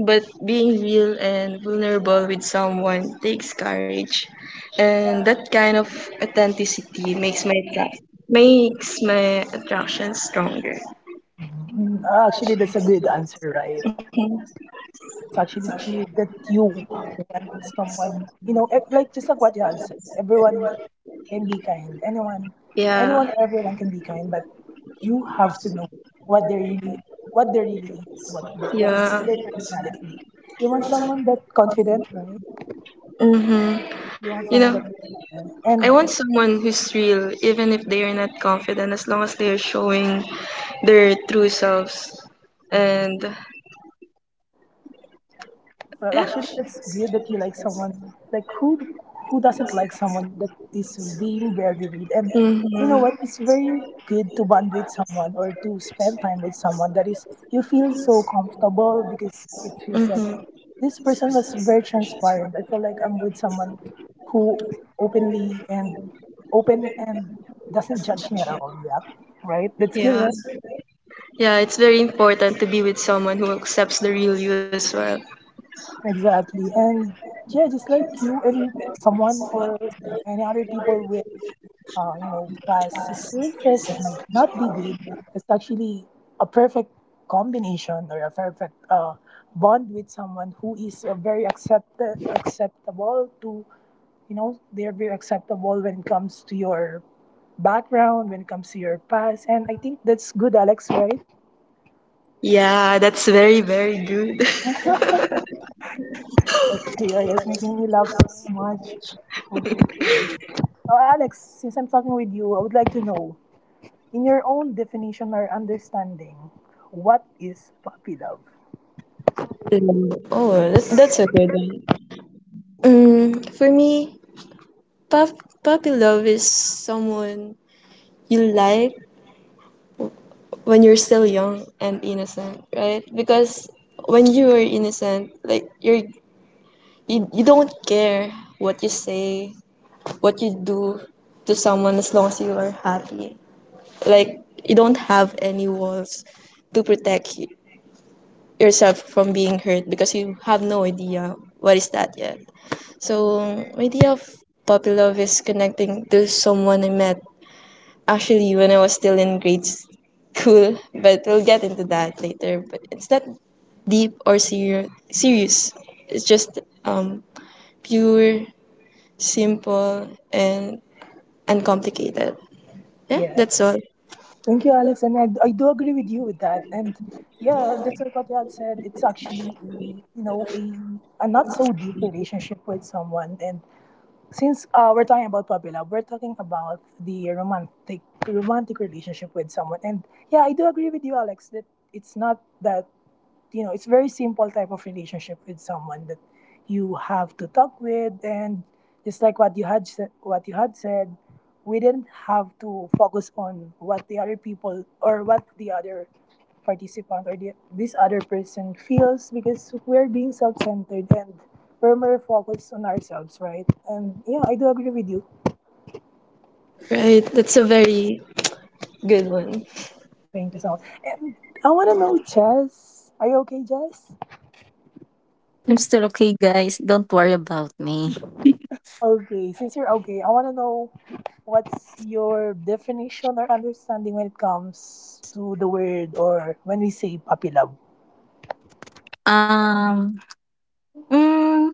Speaker 2: but being real and vulnerable with someone takes courage. And that kind of authenticity makes my attract makes my attraction stronger.
Speaker 1: Mm, actually, that's a good answer, right?
Speaker 2: <laughs>
Speaker 1: It's actually good that you want someone, you know, eh, like just like what you had said, everyone can be kind, anyone, anyone
Speaker 2: Yeah,
Speaker 1: or everyone can be kind, but you have to know what they really, what they really is, what they, what is
Speaker 2: yeah.
Speaker 1: their personality. You want someone that confident, right?
Speaker 2: Mhm.
Speaker 1: You want
Speaker 2: You
Speaker 1: someone
Speaker 2: know,
Speaker 1: that confident.
Speaker 2: I
Speaker 1: And
Speaker 2: want someone who's real, even if they are not confident, as long as they are showing their true selves. And
Speaker 1: well,
Speaker 2: yeah.
Speaker 1: actually, that's great that you like someone. Like, who who doesn't like someone that is being varied? And you know
Speaker 2: Mm-hmm.
Speaker 1: what? It's very good to bond with someone or to spend time with someone that is, you feel so comfortable, because it feels like
Speaker 2: Mm-hmm.
Speaker 1: this person was very transparent. I feel like I'm with someone who openly and open and doesn't judge me at all. Yeah, right. That's
Speaker 2: Yeah.
Speaker 1: good, right?
Speaker 2: Yeah, it's very important to be with someone who accepts the real you as well.
Speaker 1: Exactly. And yeah, just like you and someone or any other people with uh, you know, past experiences that might not be good is actually a perfect combination or a perfect uh, bond with someone who is uh, very accept- acceptable to, you know, they're very acceptable when it comes to your background, when it comes to your past. And I think that's good, Alex, right?
Speaker 2: Yeah, that's very, very good. <laughs>
Speaker 1: That here is making me laugh so much. So, Alex, since I'm talking with you, I would like to know, in your own definition or understanding, what is puppy love?
Speaker 2: Mm, Oh, that, that's a good one. Mm, for me, pop, puppy love is someone you like when you're still young and innocent, right? Because when you are innocent, like you're you, you don't care what you say, what you do to someone as long as you are happy. Like you don't have any walls to protect y- yourself from being hurt because you have no idea what is that yet. So my idea of puppy love is connecting to someone I met actually when I was still in grade school, but we'll get into that later. But it's not deep or serious. Serious. It's just um, pure, simple, and uncomplicated. Yeah,
Speaker 1: Yes.
Speaker 2: that's all.
Speaker 1: Thank you, Alex, and I, I do agree with you with that. And yeah, just like what you had said, it's actually a, you know, a, a not so deep relationship with someone. And since uh, we're talking about puppy love, we're talking about the romantic romantic relationship with someone. And yeah, I do agree with you, Alex, that it's not that you know, it's a very simple type of relationship with someone that you have to talk with, and just like what you had said, what you had said, we didn't have to focus on what the other people or what the other participant or the, this other person feels, because we're being self-centered and we're more focused on ourselves, right? And yeah, I do agree with you.
Speaker 2: Right. That's a very good one.
Speaker 1: Thank you so much. And I want to know, Jess, are you okay, Jess?
Speaker 3: I'm still okay, guys. Don't worry about me.
Speaker 1: Okay, since you're okay, I want to know what's your definition or understanding when it comes to the word or when we say puppy love.
Speaker 3: Um, mm,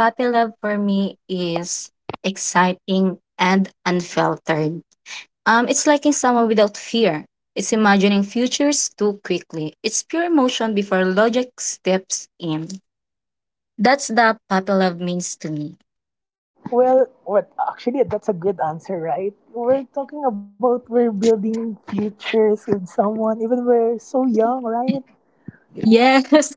Speaker 3: Puppy love for me is exciting and unfiltered. Um, it's liking someone without fear. It's imagining futures too quickly. It's pure emotion before logic steps in. That's the puppy love means to me.
Speaker 1: Well, what actually that's a good answer, right? We're talking about we're building futures with someone even we're so young, right?
Speaker 3: Yes. <laughs>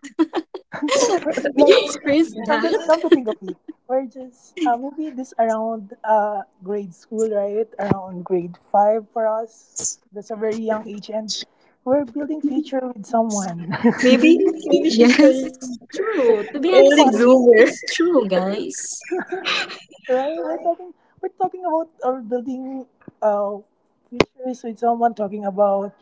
Speaker 1: We're-
Speaker 3: Did you
Speaker 1: Like
Speaker 3: experience
Speaker 1: come
Speaker 3: that?
Speaker 1: to come to think of it, we're just uh, maybe this around uh grade school, right? Around grade five for us. That's a very young age, and we're building future with someone.
Speaker 2: Maybe
Speaker 3: <laughs>
Speaker 2: maybe she's
Speaker 3: Yes,
Speaker 2: an
Speaker 3: it's true. To
Speaker 1: <laughs>
Speaker 3: be
Speaker 1: Isn't it
Speaker 3: honest,
Speaker 2: early
Speaker 3: it's
Speaker 1: fun,
Speaker 2: bloomer.
Speaker 3: it's true, guys.
Speaker 1: right? We're talking we're talking about our building uh futures with someone, talking about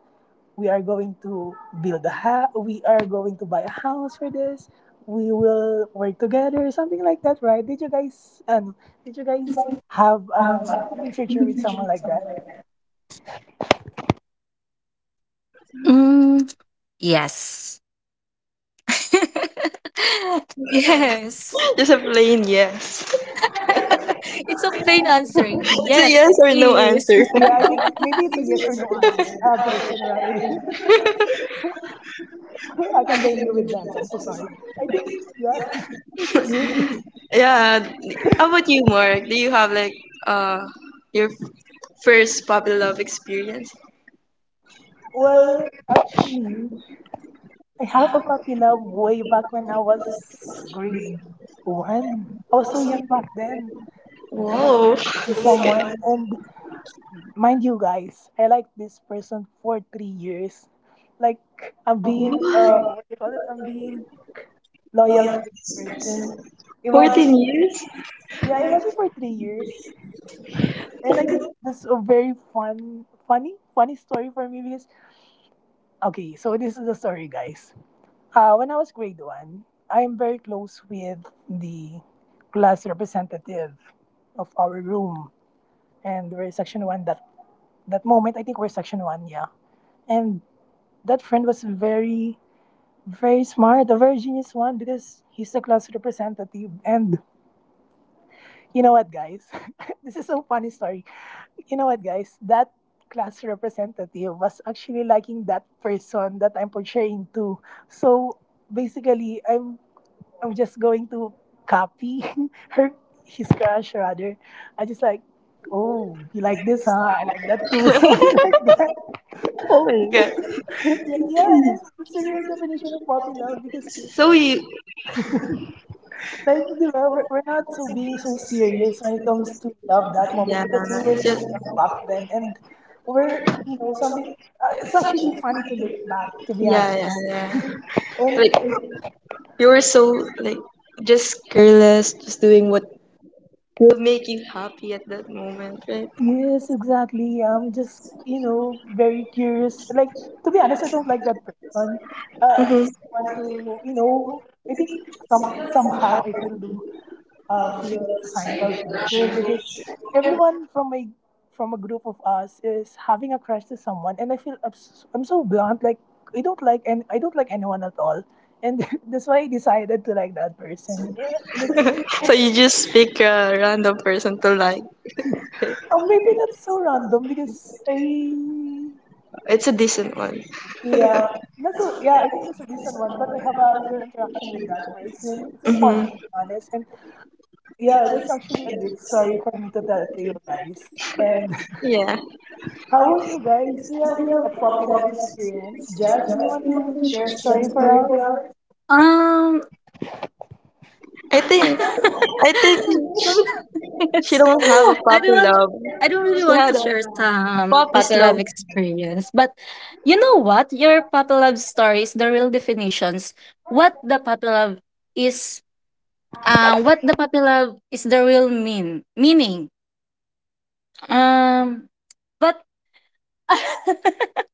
Speaker 1: we are going to build a house, we are going to buy a house for this, we will work together, something like that, right? Did you guys um, did you guys have a really future with someone like that?
Speaker 3: Mm, yes. <laughs> yes.
Speaker 2: <laughs> Just a plain yes.
Speaker 3: <laughs> It's a plain answer.
Speaker 2: It's a
Speaker 3: Yes,
Speaker 2: yes
Speaker 3: it
Speaker 2: or no answer.
Speaker 3: is. <laughs>
Speaker 1: Yeah, I think maybe
Speaker 3: I
Speaker 1: it's a
Speaker 3: mean,
Speaker 1: yes or no answer uh, question, right? <laughs> I can blame you with that, so I'm so sorry. I think yeah, <laughs> it's good.
Speaker 2: <laughs> Yeah. How about you, Mark? Do you have like uh your first puppy love experience.
Speaker 1: Well, actually I have a puppy love way back when I was grade one. I was so young back then. I have a crush
Speaker 2: Whoa.
Speaker 1: with someone,
Speaker 2: Okay.
Speaker 1: and mind you guys, I like this person for three years. Like I'm being uh what do you call it? I'm being loyal to this person. Imagine,
Speaker 2: fourteen years?
Speaker 1: yeah, imagine for three years. And I think that's a very fun funny funny story for me, because okay, so this is the story guys. Uh when I was grade one, I am very close with the class representative of our room, and we're section one. That that moment, I think we're section one, yeah. And that friend was very, very smart, a very genius one, because he's the class representative. And you know what guys, <laughs> this is a funny story. You know what guys, that class representative was actually liking that person that I'm portraying to. So basically, i'm i'm just going to copy <laughs> her his crush rather. I just like, oh, you like this huh, I like that too. <laughs> Something like that.
Speaker 2: Oh my god.
Speaker 1: <laughs> Yeah, yeah, that's the real definition of puppy love, because
Speaker 2: So you
Speaker 1: like, di ba, we're, we're not so being so serious when it comes to love that moment,
Speaker 2: yeah,
Speaker 1: because we were so
Speaker 2: just
Speaker 1: young back then. And we're, you know, something, uh, it's actually funny to look back, to be
Speaker 2: yeah,
Speaker 1: honest.
Speaker 2: yeah, yeah.
Speaker 1: And uh,
Speaker 2: Like you were so like just careless, just doing what would make you happy at that moment, right?
Speaker 1: yes, exactly. I'm just, you know, very curious. Like, to be honest, I don't like that person. Uh, I just
Speaker 2: hmm
Speaker 1: want to, you know, I think some somehow I feel the of your societal pressure, because everyone from my from a group of us is having a crush to someone, and I feel abs- I'm so blunt, like I don't like, and I don't like anyone at all, and <laughs> that's why I decided to like that person, yeah, and it's-
Speaker 2: So you just pick a random person to like.
Speaker 1: Oh, maybe that's so random, because I,
Speaker 2: It's a decent one.
Speaker 1: yeah, that's a, yeah, I think that's a decent one, but I have a little interaction with that person, it's so fun
Speaker 2: hmm
Speaker 1: to be honest, and yeah, that's actually a good story for me to tell to you guys, and <laughs>
Speaker 2: Yeah.
Speaker 1: how about you guys? Do you have a puppy love experience? Jazz, you want to share a story for us?
Speaker 3: um
Speaker 2: I think
Speaker 3: <laughs>
Speaker 2: I think
Speaker 3: some-
Speaker 2: she
Speaker 3: yes.
Speaker 2: don't have a
Speaker 3: I don't
Speaker 2: puppy
Speaker 3: want
Speaker 2: love.
Speaker 3: I don't really
Speaker 2: She
Speaker 3: want to
Speaker 2: had a
Speaker 3: share some
Speaker 2: puppy's love.
Speaker 3: Patelab experience, but you know what? Your Patelab stories, the real definitions, what the Patelab is. Uh, what the puppy love is the real mean meaning. Um, but <laughs>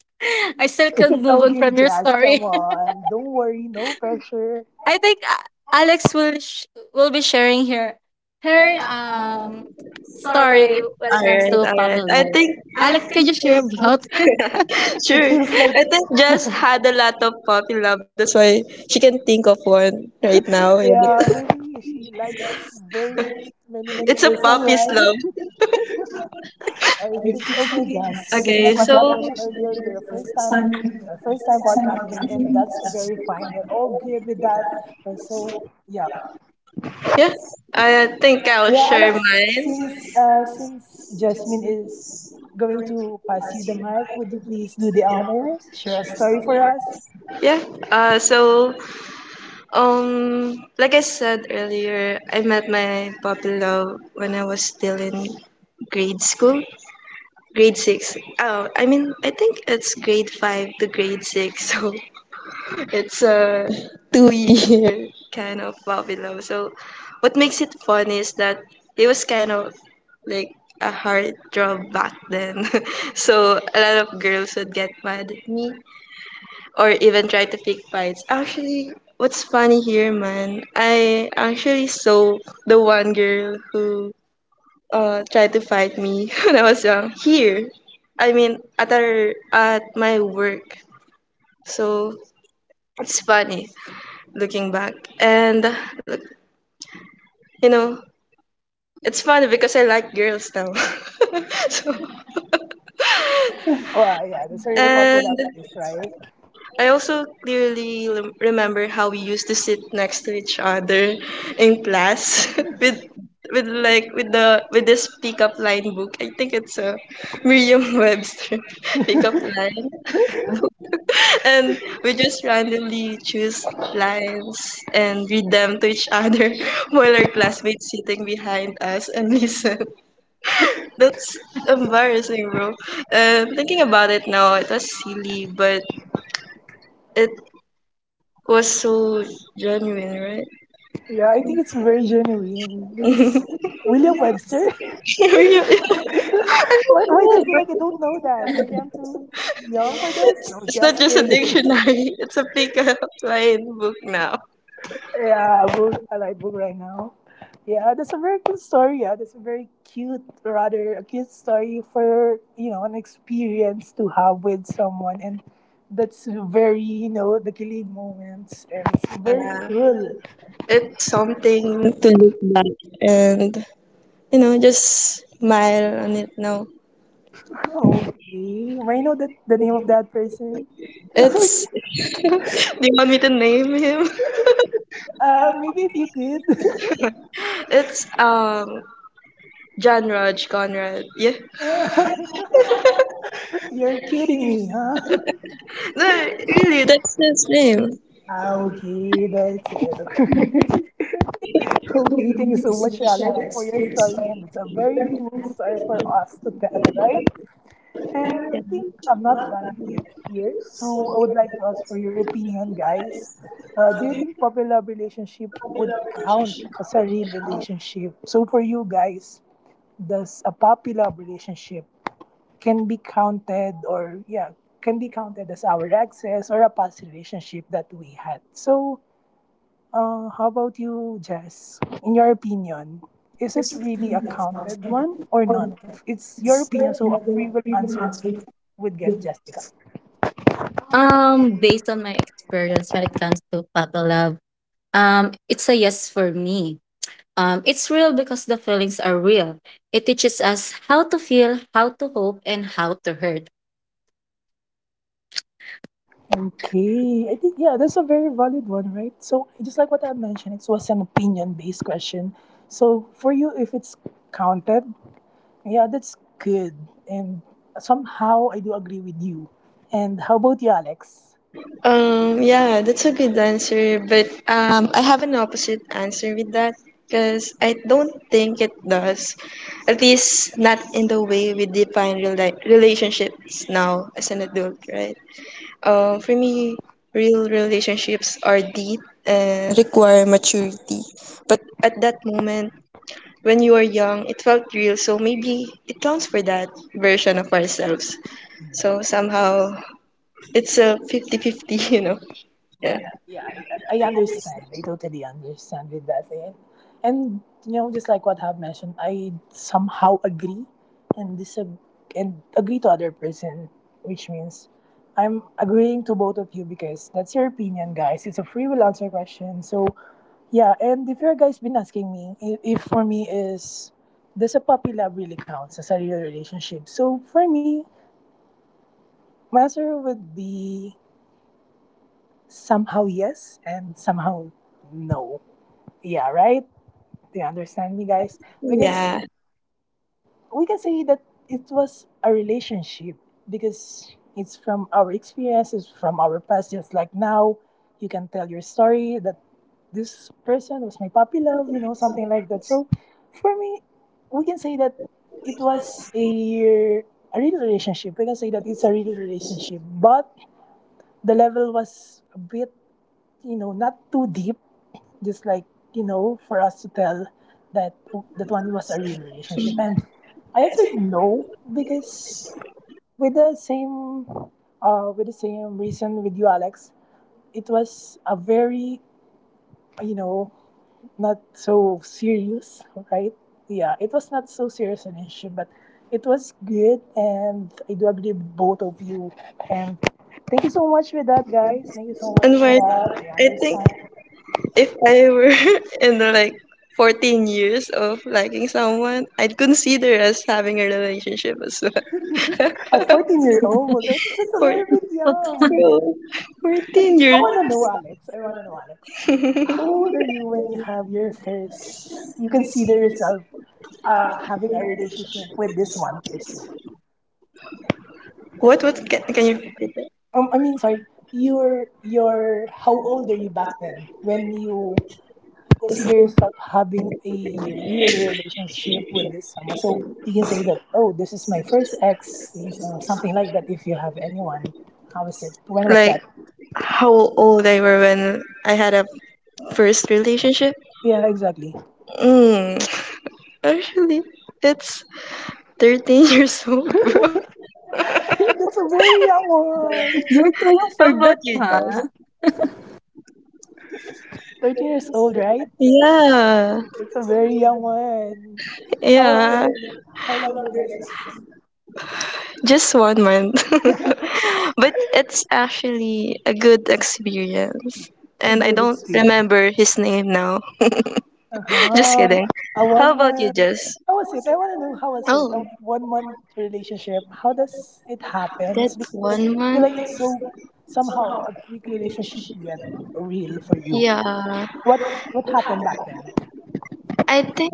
Speaker 3: I still
Speaker 1: Is it
Speaker 3: can't move on
Speaker 1: okay,
Speaker 3: from your
Speaker 1: Jazz? Come
Speaker 3: story. <laughs>
Speaker 1: on. Don't worry, no pressure.
Speaker 3: I think uh, Alex will sh- will be sharing her her um story when it comes
Speaker 2: Alright,
Speaker 3: to
Speaker 2: alright.
Speaker 3: puppy
Speaker 2: I
Speaker 3: love.
Speaker 2: think
Speaker 3: Alex, can you share about <laughs> it?
Speaker 2: <laughs>
Speaker 1: It
Speaker 2: sure.
Speaker 1: feels like
Speaker 2: I think Jess had a lot of puppy love. That's why she can think of one right now,
Speaker 1: yeah,
Speaker 2: right?
Speaker 1: maybe she likes very many,
Speaker 2: <laughs>
Speaker 1: many
Speaker 2: It's a
Speaker 1: person,
Speaker 2: puppy's
Speaker 1: right?
Speaker 2: love.
Speaker 1: Uh, It's, it's okay, Jazz. Just
Speaker 2: Okay,
Speaker 1: like what you had
Speaker 2: so
Speaker 1: mentioned earlier, you're a first timer, you're a first time podcaster, and that's very fine. We're all good with that. Uh, So yeah,
Speaker 2: yeah, I think I'll
Speaker 1: yeah,
Speaker 2: share
Speaker 1: Alex,
Speaker 2: mine.
Speaker 1: since uh, since Jasmine is going to pass you the mic, would you please do the honors? Share a story for us.
Speaker 2: Yeah. Uh, so, um, like I said earlier, I met my puppy love when I was still in grade school, grade six. Oh, I mean, I think it's grade five to grade six, <laughs> so it's a two-year <laughs> kind of puppy love. So, what makes it fun is that it was kind of like a hard job back then, <laughs> so a lot of girls would get mad at me or even try to pick fights. Actually, what's funny here, man? I actually saw the one girl who uh tried to fight me <laughs> when I was young. Here, I mean, at our at my work. So it's funny looking back, and uh, look, you know, it's funny because I like girls now. <laughs> So
Speaker 1: Oh, ah, yeah, that's a real puppy
Speaker 2: and
Speaker 1: love is, right?
Speaker 2: I also clearly lem- remember how we used to sit next to each other in class <laughs> with with like with the with this pickup line book. I think it's a Merriam-Webster <laughs> pickup line, and we just randomly choose lines and read them to each other <laughs> while our classmates sitting behind us and listen. <laughs> That's embarrassing, bro. Uh, thinking about it now, it was silly, but it was so genuine, right?
Speaker 1: Yeah, I think it's very genuine because William Webster. <laughs>
Speaker 2: <laughs>
Speaker 1: why, why do I feel like I don't know that? Maybe I'm too young for this? No,
Speaker 2: It's not
Speaker 1: just
Speaker 2: just a
Speaker 1: kidding.
Speaker 2: dictionary, it's a pickup line book now.
Speaker 1: Yeah, book. I like book right now. Yeah, that's a very good story. Yeah, that's a very cute, rather a cute story for you know an experience to have with someone, and that's very you know the kilig moments, and it's
Speaker 2: Yeah,
Speaker 1: very cool.
Speaker 2: it's something to look back and, you know, just smile on it now.
Speaker 1: Okay, may I know that the name of that person? <laughs> No,
Speaker 2: It's, <laughs> do you want me to name him? <laughs>
Speaker 1: uh, maybe if you could.
Speaker 2: It's, um, John Raj Conrad. Yeah.
Speaker 1: <laughs> You're kidding me, huh?
Speaker 2: No, really, that's his name.
Speaker 1: Ah, okay, that's it. <laughs> <laughs> Okay, thank you so much, Alex, for your story, and it's a very cool story for us to tell, right? And I think I'm not done yet here, so I would like to ask for your opinion, guys. Uh, do you think popular relationship would count as a real relationship? So for you guys, does a popular relationship can be counted, or yeah, can be counted as our access or a past relationship that we had? So uh, how about you, Jess? In your opinion, is it really a counted one or not? It's your opinion, so a free will answer would get justified.
Speaker 3: Um, based on my experience when it comes to puppy love, um, it's a yes for me. Um, it's real because the feelings are real. It teaches us how to feel, how to hope, and how to hurt.
Speaker 1: Okay, I think yeah, that's a very valid one, right? So just like what I mentioned, it was an opinion-based question. So for you, if it's counted, yeah, that's good, and somehow I do agree with you. And how about you, Alex?
Speaker 2: Um, yeah, that's a good answer, but um, I have an opposite answer with that because I don't think it does. At least not in the way we define real li- relationships now as an adult, right? Um, for me, real relationships are deep and require maturity. But at that moment, when you are young, it felt real, so maybe it counts for that version of ourselves. So somehow, it's a fifty-fifty. <laughs> You know? Yeah.
Speaker 1: Yeah, yeah, I, I understand. I totally understand with that. And, and you know, just like what I've mentioned, I somehow agree and disag- and agree to other person, which means I'm agreeing to both of you because that's your opinion, guys. It's a free will answer question. So yeah, and if you guys been asking me, if, if for me is, does a puppy love really counts as a real relationship? So for me, my answer would be somehow yes and somehow no. Yeah, right? Do you understand me, guys? Because
Speaker 2: Yeah.
Speaker 1: we can say that it was a relationship because it's from our experiences, from our past, just like now. You can tell your story that this person was my puppy love, you know, something like that. So for me, we can say that it was a a real relationship. We can say that it's a real relationship, but the level was a bit, you know, not too deep, just like, you know, for us to tell that oh, that one was a real relationship. And I answered no because with the same uh with the same reason with you, Alex, it was a very, you know, not so serious, right? Yeah, it was not so serious an issue, but it was good and I do agree with both of you. And thank you so much for that guys. Thank you so much
Speaker 2: And
Speaker 1: for
Speaker 2: my
Speaker 1: that. I
Speaker 2: I think
Speaker 1: understand.
Speaker 2: if I were <laughs> in the, like fourteen years of liking someone, I'd consider us having a relationship as
Speaker 1: A
Speaker 2: well.
Speaker 1: fourteen year old? I think that's
Speaker 2: <laughs>
Speaker 1: a
Speaker 2: For
Speaker 1: very bit
Speaker 3: But
Speaker 1: young.
Speaker 2: real,
Speaker 1: Wait,
Speaker 2: fourteen
Speaker 1: I
Speaker 2: years.
Speaker 1: wanna know, Alex. I wanna know, Alex. How
Speaker 2: <laughs>
Speaker 1: old are you when you have your first? You consider yourself uh, having a relationship with this one person.
Speaker 2: what what can, can you repeat that?
Speaker 1: Um, I mean, sorry. You're, you're, how old are you back then when you consider yourself having a real relationship with this someone? So you can say that, oh, this is my first ex, you know, something like that. If you have anyone, how is it? When was
Speaker 2: Like
Speaker 1: that?
Speaker 2: how old I were when I had a first relationship?
Speaker 1: Yeah, exactly.
Speaker 2: Mm, <tsk> Actually, it's thirteen <laughs> years old, bro.
Speaker 1: <laughs> That's a very young one.
Speaker 3: <laughs> you're too young
Speaker 2: <laughs>
Speaker 3: for
Speaker 2: How about
Speaker 3: that,
Speaker 2: you,
Speaker 3: huh?
Speaker 2: Jess?
Speaker 1: thirteen years old, right?
Speaker 2: Yeah.
Speaker 1: That's a very young one. How was
Speaker 2: Yeah.
Speaker 1: it? How long did you guys last?
Speaker 2: Just one month. <laughs> But it's actually a good experience.
Speaker 1: A
Speaker 2: And I
Speaker 1: good
Speaker 2: don't
Speaker 1: experience.
Speaker 2: remember his name now. <laughs> Just
Speaker 1: Uh-huh.
Speaker 2: kidding.
Speaker 1: A one
Speaker 2: How about you,
Speaker 1: month.
Speaker 2: Jess?
Speaker 1: How was it? I want to know how was it?
Speaker 2: Oh,
Speaker 1: A one month relationship. How does it happen? Because
Speaker 2: that's
Speaker 1: I
Speaker 2: one
Speaker 1: feel
Speaker 2: month?
Speaker 1: like it's so somehow a quick relationship yet real for you.
Speaker 2: Yeah.
Speaker 1: What what happened back then?
Speaker 2: I think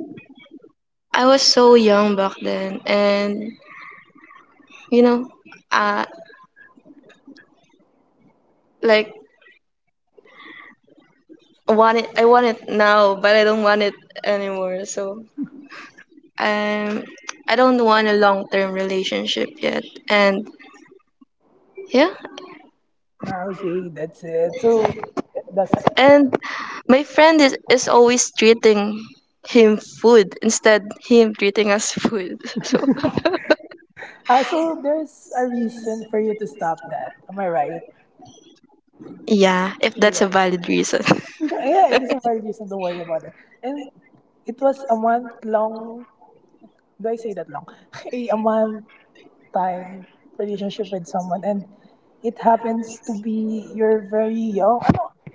Speaker 2: I was so young back then. And, you know, uh, like, I want it, I want it now, but I don't want it anymore. So, um, I don't want a long term relationship yet. And, yeah,
Speaker 1: Ah, okay, that's it. So that's,
Speaker 2: and my friend is, is always treating him food instead him treating us food. <laughs> So
Speaker 1: Uh, so there's a reason for you to stop that. Am I right?
Speaker 2: yeah, if that's
Speaker 1: Yeah.
Speaker 2: a valid reason. <laughs>
Speaker 1: <laughs> Yeah, there's a valid reason to worry about it. And it was a month long, do I say that long? <laughs> a a month time relationship with someone. And it happens to be you're very young.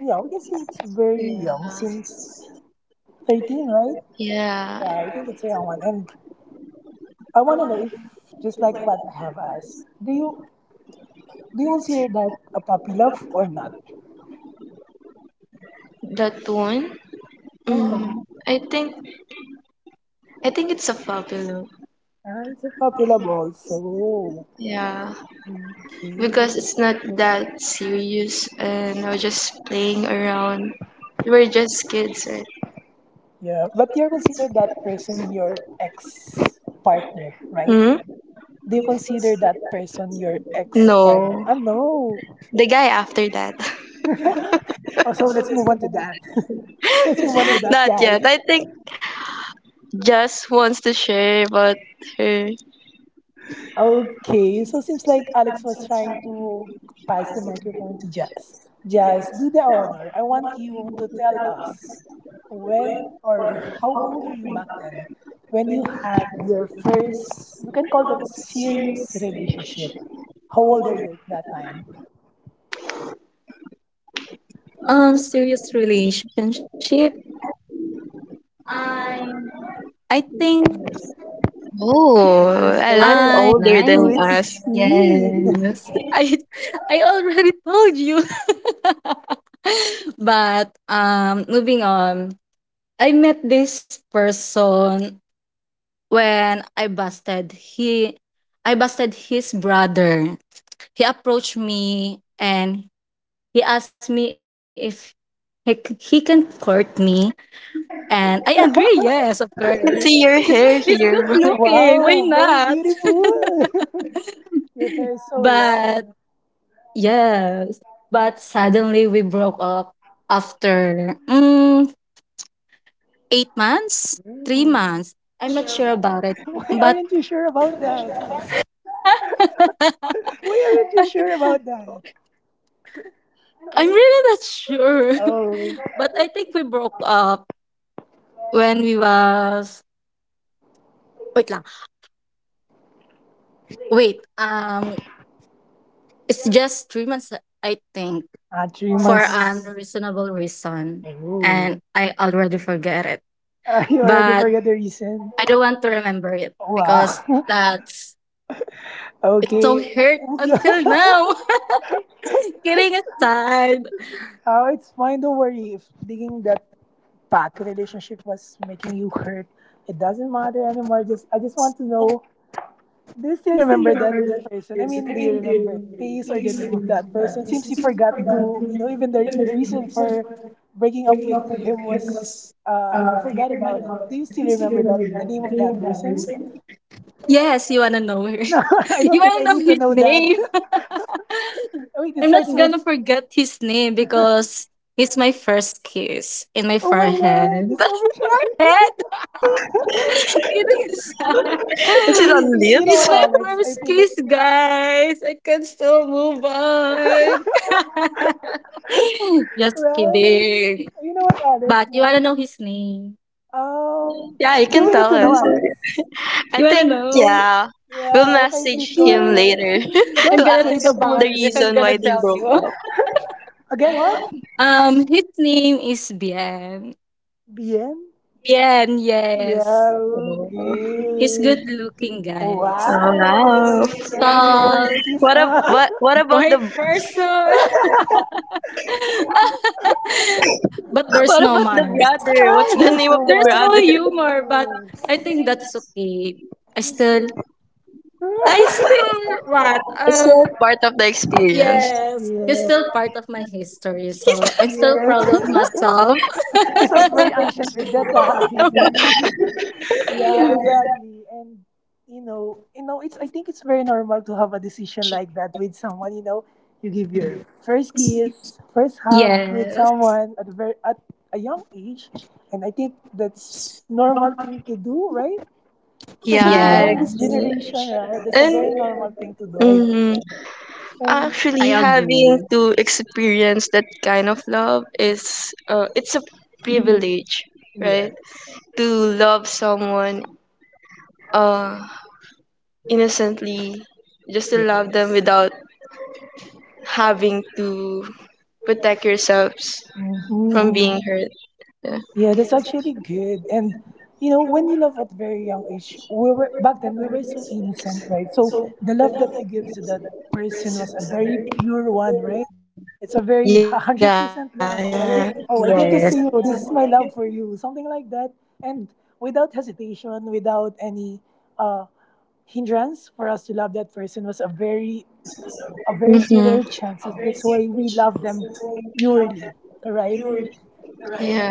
Speaker 1: Ano, yeah, we can say it's very young since thirteen, right?
Speaker 2: Yeah,
Speaker 1: Yeah, I think it's a young one. And I want to know if, just like what I have asked, do you do you consider that a puppy love or not?
Speaker 2: that one. Mm, I think I think it's a popular.
Speaker 1: Ah, it's a problem also.
Speaker 2: Yeah,
Speaker 1: Okay.
Speaker 2: because it's not that serious, and I was just playing around. We are just kids, right?
Speaker 1: Yeah. But you consider that person your ex partner, right?
Speaker 2: Hmm?
Speaker 1: Do you consider that person your ex
Speaker 2: No,
Speaker 1: partner? Ah, no.
Speaker 2: the guy after that.
Speaker 1: <laughs> Oh, so let's move on to that. <laughs> Let's move on to
Speaker 2: <laughs>
Speaker 1: that
Speaker 2: Not
Speaker 1: guy.
Speaker 2: yet. I think just wants to share about her.
Speaker 1: Okay, so seems like Alex was trying to pass the microphone to Jazz. Jazz, do the honor. I want you to tell us when or how old are you back then when you had your first, you can call that serious relationship. How old are you at that time?
Speaker 3: Um, serious relationship. I think I'm sixteen years old when
Speaker 2: Oh,
Speaker 3: I
Speaker 1: Years
Speaker 3: was
Speaker 2: a lot
Speaker 3: grade
Speaker 1: old.
Speaker 2: older
Speaker 3: nine.
Speaker 2: than
Speaker 1: Sweet
Speaker 2: us.
Speaker 1: sixteen.
Speaker 3: Yes, I <laughs> I already told you. <laughs> But um, moving on, I met this person when I busted he I busted his brother. He approached me and he asked me if he, c- he can court me and I agree,
Speaker 1: <laughs>
Speaker 3: yes, of
Speaker 2: I
Speaker 3: course.
Speaker 2: can see your
Speaker 3: <laughs> He's
Speaker 2: hair
Speaker 3: good
Speaker 2: here, <laughs> but
Speaker 3: looking. Why
Speaker 1: Wow, very
Speaker 3: not?
Speaker 1: beautiful. <laughs> Your
Speaker 3: <laughs>
Speaker 1: hair is so
Speaker 3: but
Speaker 1: long.
Speaker 3: yes, but suddenly we broke up after mm, eight months, three
Speaker 1: Mm.
Speaker 3: months. I'm not sure about it.
Speaker 1: <laughs> Why
Speaker 3: But
Speaker 1: aren't you sure about that? Why aren't you
Speaker 3: <laughs>
Speaker 1: sure about that?
Speaker 3: I'm really not sure.
Speaker 1: Oh,
Speaker 3: <laughs> But I think we broke up when we was wait lang. Wait. Um it's just three months I think
Speaker 1: ah, three
Speaker 3: for
Speaker 1: months.
Speaker 3: an,
Speaker 1: <laughs>
Speaker 3: yes, reasonable reason. And I already forget it.
Speaker 1: Ah, you already
Speaker 3: But
Speaker 1: forgot the reason.
Speaker 3: I don't want to remember it because
Speaker 1: Wow. <laughs>
Speaker 3: that's it's so
Speaker 1: Okay.
Speaker 3: hurt
Speaker 1: <laughs>
Speaker 3: until now.
Speaker 1: Oh,
Speaker 3: <laughs> Kidding aside.
Speaker 1: it's fine. Don't worry. If thinking that back relationship was making you hurt, it doesn't matter anymore. Just I just want to know. Do you still remember that person? I mean, do you remember the face or the name of that person? Seems you forgot to, you know, even the, the reason for breaking up with him was uh, you forgot about it. Do you still remember that the name of that person?
Speaker 3: Yes, you wanna know her.
Speaker 1: No, <laughs> I
Speaker 3: <laughs>
Speaker 1: don't
Speaker 3: You
Speaker 1: think
Speaker 3: wanna
Speaker 1: I
Speaker 3: know
Speaker 1: need to
Speaker 3: his
Speaker 1: know that.
Speaker 3: name. <laughs>
Speaker 1: <laughs> Wait, it
Speaker 3: I'm not
Speaker 1: starts with.
Speaker 3: gonna forget his name because he's my first kiss in my
Speaker 1: Oh my
Speaker 3: forehead.
Speaker 1: God, this overture. <laughs>
Speaker 3: <laughs> Head? <laughs> Kidding aside.
Speaker 2: is it
Speaker 3: <laughs>
Speaker 2: on
Speaker 1: you, you know
Speaker 3: It's
Speaker 2: lips?
Speaker 1: what,
Speaker 3: my
Speaker 1: Alex? I
Speaker 3: first
Speaker 1: feel like,
Speaker 3: kiss, guys. I can still move on. <laughs> Just
Speaker 1: right?
Speaker 3: kidding.
Speaker 1: You know what, Alex?
Speaker 3: But you
Speaker 1: Like,
Speaker 3: wanna know his name?
Speaker 1: um,
Speaker 2: <laughs> Yeah, you
Speaker 1: do
Speaker 2: can
Speaker 1: we need
Speaker 2: tell
Speaker 1: to know,
Speaker 2: us.
Speaker 1: Alex?
Speaker 2: I
Speaker 3: You wanna
Speaker 2: think,
Speaker 3: know?
Speaker 2: yeah, we'll
Speaker 1: Yeah, okay, please
Speaker 2: message
Speaker 1: go
Speaker 2: him
Speaker 3: <laughs>
Speaker 1: ahead.
Speaker 2: later <laughs>
Speaker 1: <laughs>
Speaker 3: I'm
Speaker 1: Don't
Speaker 2: to
Speaker 3: gonna
Speaker 1: say
Speaker 3: think
Speaker 2: ask
Speaker 1: the full
Speaker 3: about
Speaker 2: the
Speaker 3: it if I'm
Speaker 1: name,
Speaker 2: reason
Speaker 3: gonna
Speaker 2: why they
Speaker 3: tell
Speaker 1: please.
Speaker 2: broke
Speaker 3: you.
Speaker 2: up.
Speaker 1: Again, what?
Speaker 3: Um, his name is Bien.
Speaker 1: B M?
Speaker 3: Bien,
Speaker 1: Yeah,
Speaker 3: yes. He's
Speaker 1: okay.
Speaker 3: good looking, guys.
Speaker 2: Oh,
Speaker 1: Wow, that's why
Speaker 2: wow.
Speaker 1: you surrender your first
Speaker 3: Tall,
Speaker 1: kiss,
Speaker 2: What, ab-
Speaker 1: huh?
Speaker 2: what, what about the
Speaker 3: white person.
Speaker 1: <laughs>
Speaker 3: <laughs>
Speaker 2: what
Speaker 3: But
Speaker 2: about
Speaker 3: there's
Speaker 2: the
Speaker 3: no manners.
Speaker 2: brother? What's the
Speaker 1: Ay,
Speaker 2: name of
Speaker 1: there's
Speaker 2: the
Speaker 1: no
Speaker 3: There's
Speaker 2: brother? <laughs>
Speaker 3: no humor, but
Speaker 1: manners.
Speaker 3: I think that's okay. I still, I
Speaker 1: <laughs>
Speaker 3: still, what?
Speaker 2: It's
Speaker 3: Um,
Speaker 2: still part of the experience.
Speaker 3: yes. He's
Speaker 1: Yeah,
Speaker 3: still part of my history, so I'm
Speaker 2: <laughs>
Speaker 3: still
Speaker 1: yes.
Speaker 3: proud of myself.
Speaker 1: <laughs> It sounds very ancient with that ah, history. <laughs> Yeah,
Speaker 3: <laughs>
Speaker 1: exactly. And you know, you know, it's I think it's very normal to have a decision like that with someone. You know, you give your first kiss, first hug with
Speaker 3: Yes.
Speaker 1: someone at a very at a young age, and I think that's normal thing to do, right? Especially
Speaker 2: Yeah.
Speaker 1: now in this
Speaker 3: Yes.
Speaker 1: generation, right? That's a
Speaker 2: And
Speaker 1: very normal thing to do. I think.
Speaker 2: mm,
Speaker 1: And
Speaker 3: I
Speaker 2: actually, having
Speaker 3: agree.
Speaker 2: to experience that kind of love is uh, it's a privilege,
Speaker 1: yes,
Speaker 2: right? To love someone uh, innocently, just to
Speaker 1: yeah.
Speaker 2: love them without having to protect yourselves from
Speaker 1: Mhm.
Speaker 2: being hurt. Yeah,
Speaker 1: Yeah, that's actually good. And you know, when you love at very young age, we were back then we were so innocent, right? So the love that we give to that person was a very pure one, right? It's
Speaker 2: yeah,
Speaker 1: a very <laughs>
Speaker 2: yeah.
Speaker 1: hundred percent love. Oh, I give, oh, I give this
Speaker 3: Yes.
Speaker 1: to you. This is my love for you, something like that. And without hesitation, without any uh, hindrance for us to love that person was a very,
Speaker 2: Mm-hmm.
Speaker 1: a very zero chances. That's why we love them purely, right?
Speaker 2: Yeah,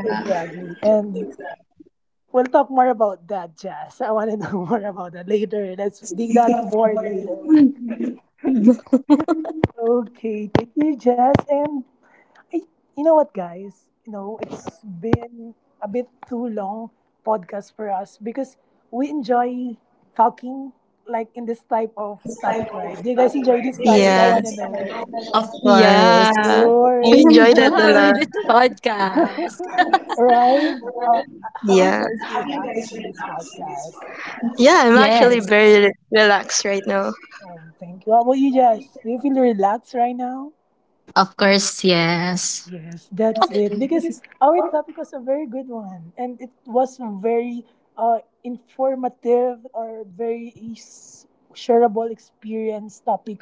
Speaker 1: Exactly. And we'll talk more about that, Jazz. I want to know <laughs> more about that later. Let's dig that more later.
Speaker 3: <laughs>
Speaker 1: Okay, thank you, Jazz. And I, you know what, guys? You know, it's been a bit too long podcast for us because we enjoy talking like in this type of topic, right? Do you guys enjoy this topic? I
Speaker 2: yeah,
Speaker 1: want to know.
Speaker 3: Of
Speaker 1: Of
Speaker 3: course.
Speaker 2: yeah. I
Speaker 3: I
Speaker 1: course.
Speaker 2: enjoy that
Speaker 1: <laughs>
Speaker 2: a
Speaker 3: enjoy
Speaker 2: lot.
Speaker 3: this podcast.
Speaker 1: Right? Uh, have you
Speaker 2: Yeah,
Speaker 1: guys relaxed in this podcast?
Speaker 2: yeah. I'm actually
Speaker 3: Yes.
Speaker 2: very re- relaxed right now.
Speaker 1: Um, thank you. How about you, Jess? Do you feel relaxed right now?
Speaker 3: Of course, yes.
Speaker 1: Yes, that's it. Because our topic was a very good one, and it was very uh, informative or very is- shareable experience topic,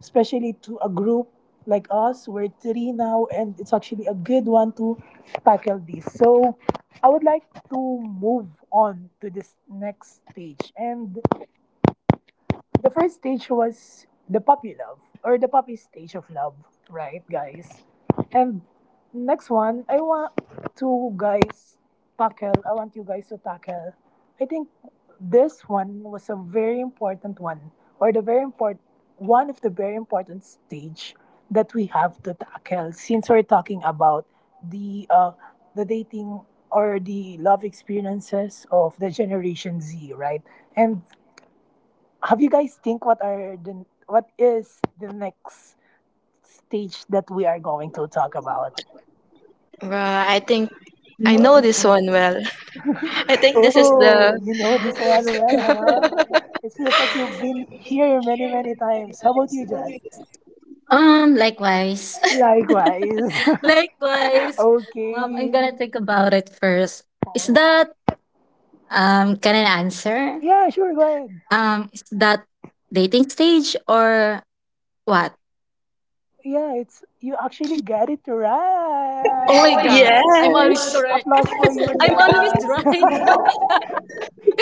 Speaker 1: especially to a group like us. We're three now, and it's actually a good one to tackle this. So, I would like to move on to this next stage, and the first stage was the puppy love or the puppy stage of love, right, guys? And next one, I want to guys tackle. I want you guys to tackle. I think this one was a very important one, or the very important one of the very important stage that we have to tackle since we're talking about the uh the dating or the love experiences of the generation Z, right? And have you guys think what are the what is the next stage that we are going to talk about?
Speaker 2: Bruh, I think I know this one well. <laughs> I think this is
Speaker 1: Oh,
Speaker 2: the
Speaker 1: you know this one well, huh?
Speaker 2: <laughs>
Speaker 1: It feels like you've been here many, many times. How about you, Jess?
Speaker 3: Um, likewise.
Speaker 1: Likewise.
Speaker 3: <laughs>
Speaker 1: <laughs>
Speaker 3: Likewise. Um, I'm
Speaker 1: Okay.
Speaker 3: gonna think about it first. Is that um Can I answer?
Speaker 1: Yeah, sure, go ahead.
Speaker 3: Um, is that dating stage or what?
Speaker 1: Yeah, it's you actually got it
Speaker 3: Oh my God.
Speaker 2: yeah.
Speaker 1: right.
Speaker 3: I'm always correct.
Speaker 1: Applause for you,
Speaker 3: <laughs> I'm always
Speaker 1: Jazz.
Speaker 3: right.
Speaker 1: <laughs>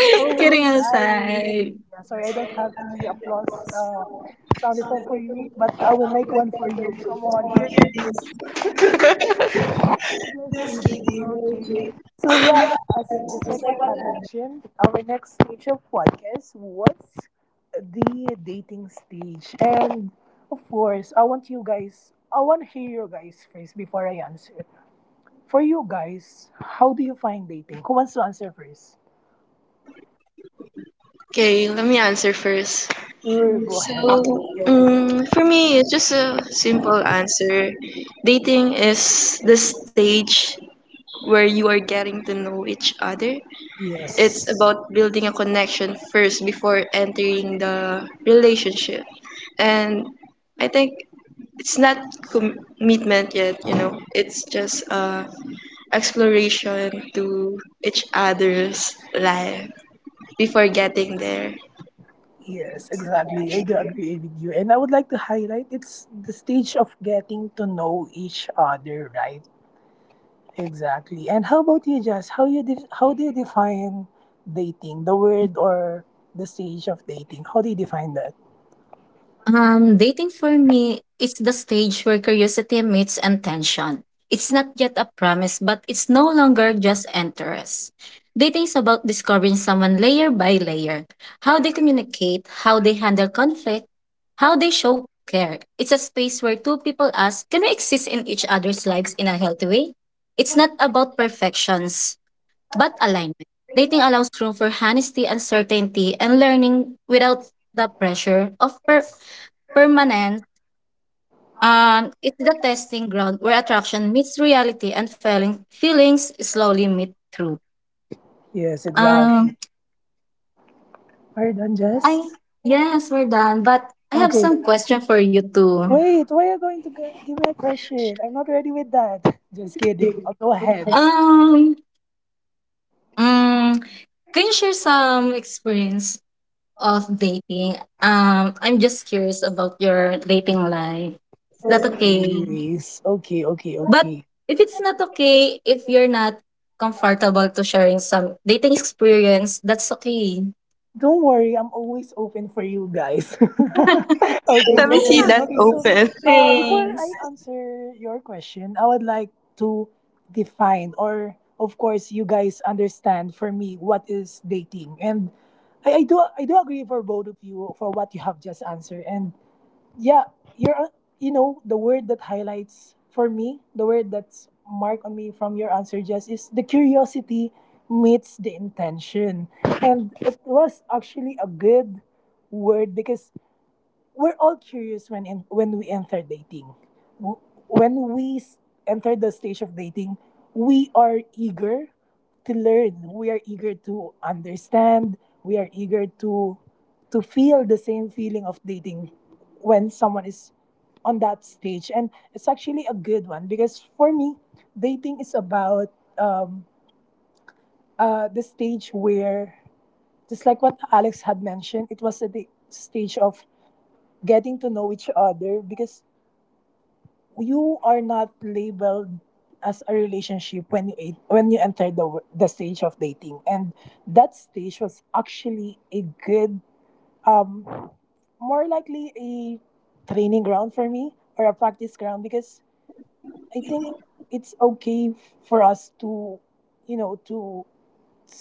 Speaker 1: You're always
Speaker 3: Kidding
Speaker 1: right.
Speaker 3: aside.
Speaker 1: Yeah, sorry, I don't have any applause uh, sound effect for you, but I will make one for you. Come on, here it is.
Speaker 2: <laughs>
Speaker 1: Yes, Adrian. Okay. So yeah, as just like what had mentioned, our next stage of podcast was the dating stage, and of course, I want you guys. I want to hear your guys first before I answer. For you guys, how do you find dating? Who wants to answer first?
Speaker 2: Okay, let me answer first.
Speaker 1: Sure, go
Speaker 2: So,
Speaker 1: ahead.
Speaker 2: um, for me, it's just a simple answer. Dating is the stage where you are getting to know each other. It's
Speaker 1: Yes.
Speaker 2: about building a connection first before entering the relationship. And I think it's not commitment yet, you know. It's just uh, exploration to each other's life before getting there.
Speaker 1: Yes, exactly. I do agree with you. And I would like to highlight it's the stage of getting to know each other, right? Exactly. And how about you, Jess? How you def- how do you define dating? The word or the stage of dating? How do you define that?
Speaker 3: Um, dating for me, it's the stage where curiosity meets intention. It's not yet a promise, but it's no longer just interest. Dating is about discovering someone layer by layer, how they communicate, how they handle conflict, how they show care. It's a space where two people ask, can we exist in each other's lives in a healthy way? It's not about perfections, but alignment. Dating allows room for honesty, uncertainty, and learning without the pressure of per- permanence. And it's the testing ground where attraction meets reality and feeling feelings slowly meet through.
Speaker 1: Yes,
Speaker 3: Um,
Speaker 1: exactly. Are you done, Jess?
Speaker 3: I Yes, we're done. But I have
Speaker 1: Okay.
Speaker 3: some question for you too.
Speaker 1: Wait, why are you going to go- give me a question? I'm not ready with that. Just kidding. I'll go ahead.
Speaker 3: Um, mm, can you share some experience of dating? Um, I'm just curious about your dating life. Is that okay?
Speaker 1: Okay. s- Okay. Okay.
Speaker 3: But
Speaker 1: Okay.
Speaker 3: if it's not okay, if you're not comfortable to sharing some dating experience, that's okay.
Speaker 1: Don't worry, I'm always open for you guys.
Speaker 3: <laughs>
Speaker 1: <laughs> Okay,
Speaker 2: Let me
Speaker 1: just
Speaker 2: see
Speaker 1: kidding.
Speaker 2: that
Speaker 1: Okay, so
Speaker 2: open.
Speaker 1: uh, before I
Speaker 3: Thanks.
Speaker 1: answer your question, I would like to define, or of course, you guys understand for me what is dating, and I, I do I do agree for both of you for what you have just answered, and yeah, you're you know the word that highlights for me, the word that's marked on me from your answer, Jess, is the curiosity meets the intention, and it was actually a good word because we're all curious when in, when we enter dating. W- When we s- enter the stage of dating, we are eager to learn. We are eager to understand. We are eager to to feel the same feeling of dating when someone is on that stage, and it's actually a good one because for me, dating is about um, uh, the stage where, just like what Alex had mentioned, it was at the stage of getting to know each other, because you are not labeled as a relationship when you en- when you enter the w- the stage of dating, and that stage was actually a good, um more likely a training ground for me or a practice ground, because I think it's okay for us to you know to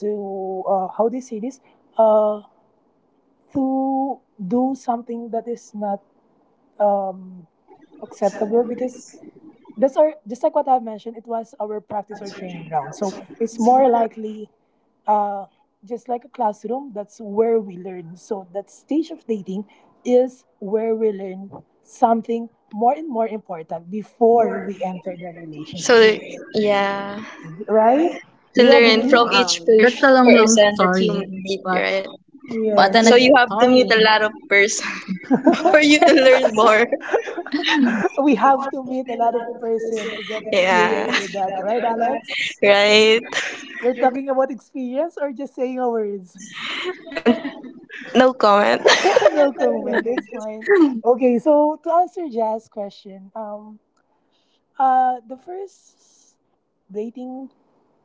Speaker 1: to uh, how do you say this, uh to do something that is not um acceptable, because That's our just like what I've mentioned, it was our practice or training ground. So it's more likely uh, just like a classroom, that's where we learn. So that stage of dating is where we learn something more and more important before we enter the
Speaker 2: So
Speaker 1: relationship.
Speaker 2: yeah,
Speaker 1: Right?
Speaker 2: to
Speaker 1: Do you
Speaker 2: learn
Speaker 1: agree?
Speaker 2: from each
Speaker 3: Wow,
Speaker 2: per-
Speaker 3: that's a long, long
Speaker 2: person that you
Speaker 3: story.
Speaker 2: meet,
Speaker 3: But
Speaker 2: right?
Speaker 3: what
Speaker 1: Yes.
Speaker 2: So
Speaker 3: an
Speaker 1: ex-
Speaker 2: you have to meet a
Speaker 3: story.
Speaker 2: lot of person <laughs> for you to
Speaker 3: <laughs>
Speaker 2: learn more.
Speaker 1: <laughs> We have to meet a lot of person to get
Speaker 2: Yeah,
Speaker 1: experience with that, right, Alex?
Speaker 2: right.
Speaker 1: You're talking about experience or just saying words?
Speaker 2: No comment.
Speaker 1: <laughs>
Speaker 2: <laughs>
Speaker 1: No comment. It's fine. Okay, so to answer Jazz' question, um, uh, the first dating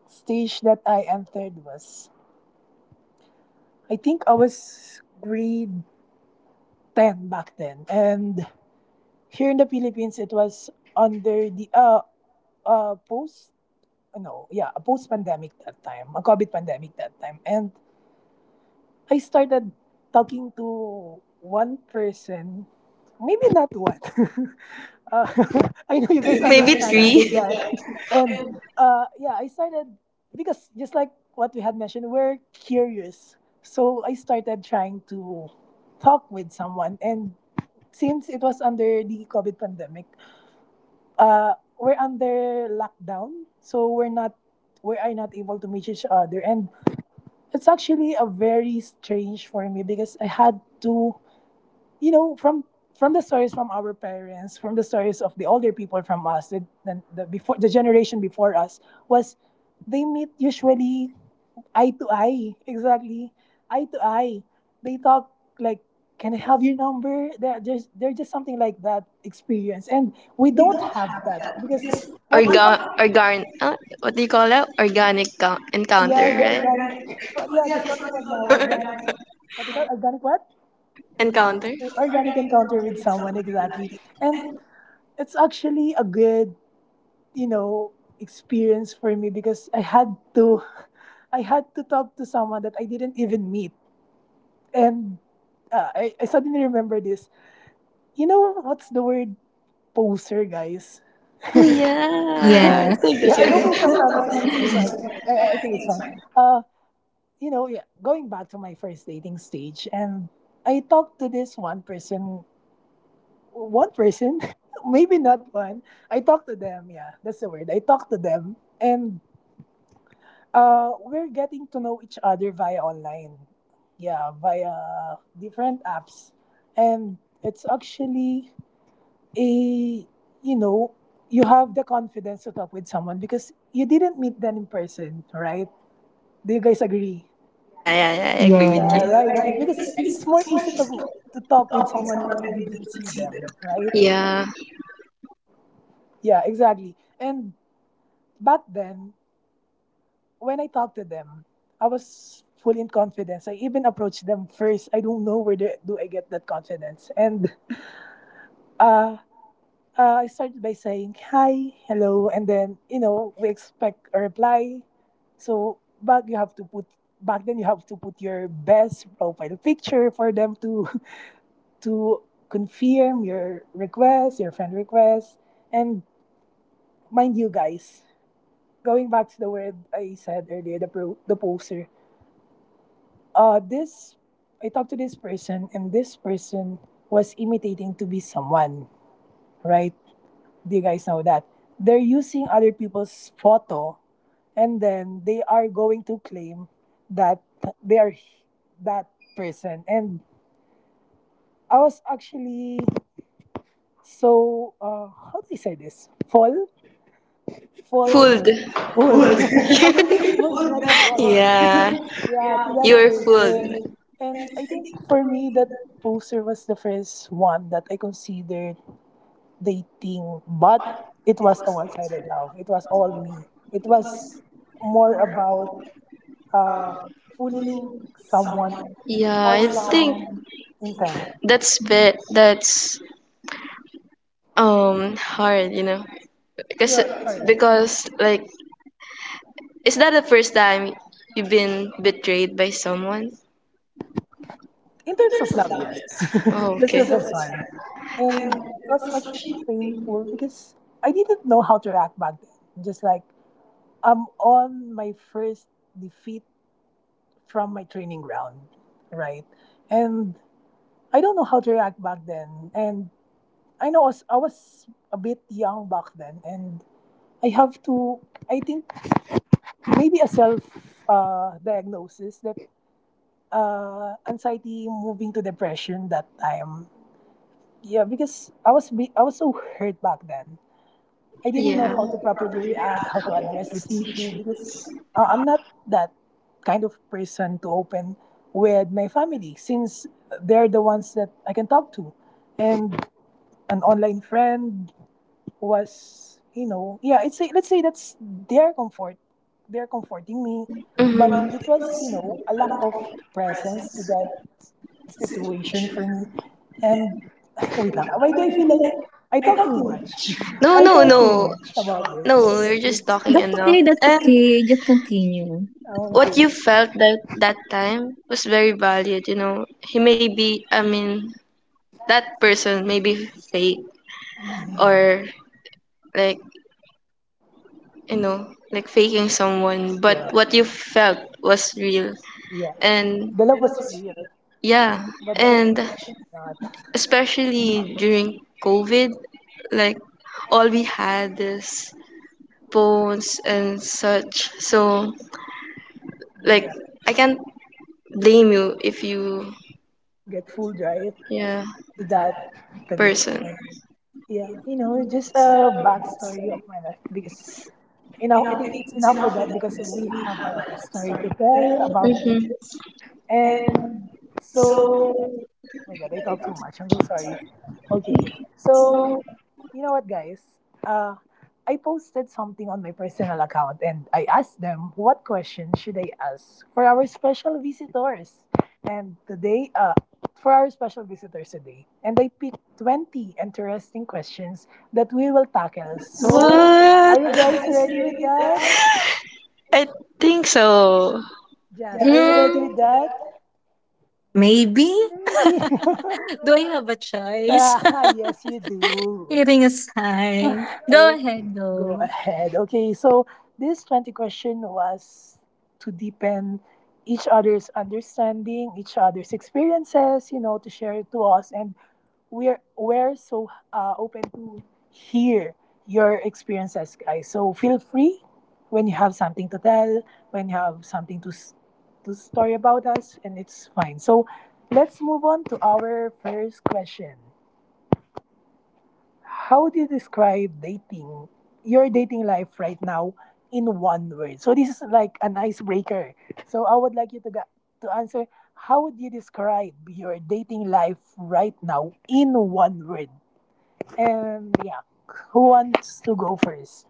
Speaker 1: stage that I entered was, I think I was grade ten back then, and here in the Philippines, it was under the uh uh post, no, yeah, a post pandemic that time, a COVID pandemic that time, and I started talking to one person, maybe not one. <laughs> uh, <laughs> I know you guys
Speaker 2: Maybe
Speaker 1: understand me
Speaker 2: three.
Speaker 1: with that. <laughs> And uh, yeah, I started because just like what we had mentioned, we're curious. So I started trying to talk with someone. And since it was under the COVID pandemic, uh, we're under lockdown. So we're not we are not able to meet each other, and it's actually a very strange for me because I had to, you know, from from the stories from our parents, from the stories of the older people from us, the, the, the before the generation before us was, they meet usually eye to eye, exactly eye to eye. They talk like, "Can I have your number?" They're just they're just something like that experience, and we don't have that because what do you have?
Speaker 2: Organ, organ, uh, what do you call that? Organic co- encounter,
Speaker 1: Yeah, the
Speaker 2: right?
Speaker 1: organic. <laughs> Yeah, that's what we call now organic. What do you call organic? What?
Speaker 2: <laughs> Encounter.
Speaker 1: Organic encounter with someone, exactly. And it's actually a good you know experience for me because I had to <laughs> I had to talk to someone that I didn't even meet, and uh, I, I suddenly remember this, you know, what's the word, poser guys.
Speaker 2: Oh yeah, I
Speaker 3: Yeah.
Speaker 2: think
Speaker 1: Yeah
Speaker 2: that's
Speaker 1: I
Speaker 3: Yes.
Speaker 1: open
Speaker 2: it.
Speaker 1: some topics, I'm so sorry. I, I think it's fine. Uh you know yeah going back to my first dating stage, and I talked to this one person, one person, <laughs> maybe not one. I talk to them. Yeah, that's the word. I talk to them, and uh, we're getting to know each other via online. Yeah, via different apps, and it's actually a you know you have the confidence to talk with someone because you didn't meet them in person, right? Do you guys agree?
Speaker 2: Yeah, yeah, yeah. I agree with
Speaker 1: Yeah,
Speaker 2: you.
Speaker 1: right. Because it's more easy to go- to talk with someone when you didn't see them, right?
Speaker 2: Yeah,
Speaker 1: Yeah, exactly. And back then, when I talked to them, I was full in confidence. I even approached them first. I don't know where the, do I get that confidence. And uh, uh, I started by saying hi, hello, and then you know we expect a reply. So back you have to put back then you have to put your best profile picture for them to <laughs> to confirm your request, your friend request, and mind you guys. Going back to the word I said earlier, the pro, the poser uh this I talked to this person and this person was imitating to be someone, right? Do you guys know that? They're using other people's photo and then they are going to claim that they are that person. And I was actually so uh how do I say this? Fall? Fall
Speaker 2: fooled.
Speaker 1: Fooled. <laughs> Uh,
Speaker 2: <laughs>
Speaker 1: maybe fooled, not fall.
Speaker 2: Yeah,
Speaker 1: Yeah, to that
Speaker 2: you were fooled.
Speaker 1: person. And I think for me, that poster was the first one that I considered dating, but it was a one sided love. It was all me. It was more about uh, fooling someone
Speaker 2: Yeah,
Speaker 1: for
Speaker 2: I think
Speaker 1: some intent.
Speaker 2: that's bit that's um hard, you know, because
Speaker 1: Yeah, sorry.
Speaker 2: because like is that the first time you've been betrayed by someone?
Speaker 1: In terms of love, yes.
Speaker 2: Oh,
Speaker 1: <laughs> That's
Speaker 2: okay.
Speaker 1: the first one. And that was actually painful because I didn't know how to react back then. Just like I'm on my first defeat from my training ground, right? And I don't know how to react back then. And I know I was, I was a bit young back then, and I have to, I think, maybe a self uh, diagnosis that uh, anxiety moving to depression that time. Yeah, because I was be- I was so hurt back then. I didn't know
Speaker 2: Yeah.
Speaker 1: how to properly react, how to address this issue because uh, I'm not that kind of person to open with my family since they're the ones that I can talk to. And an online friend was, you know, yeah, it's a, let's say that's their comfort. They're comforting me,
Speaker 2: Hmm.
Speaker 1: but it was, you know, a lack of presence to that situation for me. And <sighs> <laughs> wait, lang, why do I feel like I talk too much? <laughs>
Speaker 2: No,
Speaker 1: I
Speaker 2: no,
Speaker 1: talk too
Speaker 2: no,
Speaker 1: much about this.
Speaker 2: no. We're just talking
Speaker 3: That's okay,
Speaker 2: enough,
Speaker 3: that's
Speaker 2: and
Speaker 3: okay. Just continue.
Speaker 2: what
Speaker 1: Okay.
Speaker 2: you felt that that time was very valued you know he may be I mean, that person may be fake, or like you know like faking someone,
Speaker 1: Yeah.
Speaker 2: but what you felt was real.
Speaker 1: Yeah.
Speaker 2: And
Speaker 1: The love was real,
Speaker 2: yeah
Speaker 1: but the intent
Speaker 2: and
Speaker 1: not.
Speaker 2: especially during COVID, like, all we had is phones and such, so, like,
Speaker 1: Exactly.
Speaker 2: I can't blame you if you.
Speaker 1: Get fooled right
Speaker 2: Yeah,
Speaker 1: to that Tariq.
Speaker 2: person.
Speaker 1: And yeah. You know, just a backstory of my life because you know, I think it's enough with that because we have a lot of story to tell about this.
Speaker 2: Mhm.
Speaker 1: And so oh my god, I talk too much. I'm so sorry. Okay. So you know what, guys? Uh, I posted something on my personal account and I asked them what question should I ask for our special visitors. And today, uh, for our special visitors today, and I picked twenty interesting questions that we will tackle. So,
Speaker 2: What?
Speaker 1: are you guys ready with that?
Speaker 2: I think so.
Speaker 1: Yes, are you ready with
Speaker 3: Mm,
Speaker 1: that?
Speaker 3: maybe?
Speaker 1: Maybe.
Speaker 3: Do I have a
Speaker 1: <laughs>
Speaker 3: choice?
Speaker 1: ah, yes, you
Speaker 3: <laughs>
Speaker 1: do.
Speaker 3: Hearing a sign. Go
Speaker 1: I'll
Speaker 3: ahead,
Speaker 1: go
Speaker 3: though.
Speaker 1: ahead. Okay, so this twenty question was to deepen each other's understanding, each other's experiences, you know, to share it to us. And we're, we're so uh, open to hear your experiences, guys. So feel free when you have something to tell, when you have something to, s- to story about us, and it's fine. So let's move on to our first question. How would you describe dating, your dating life right now in one word? So this is like an icebreaker. So I would like you to ga- to answer how would you describe your dating life right now in one word? And yeah, who wants to go first?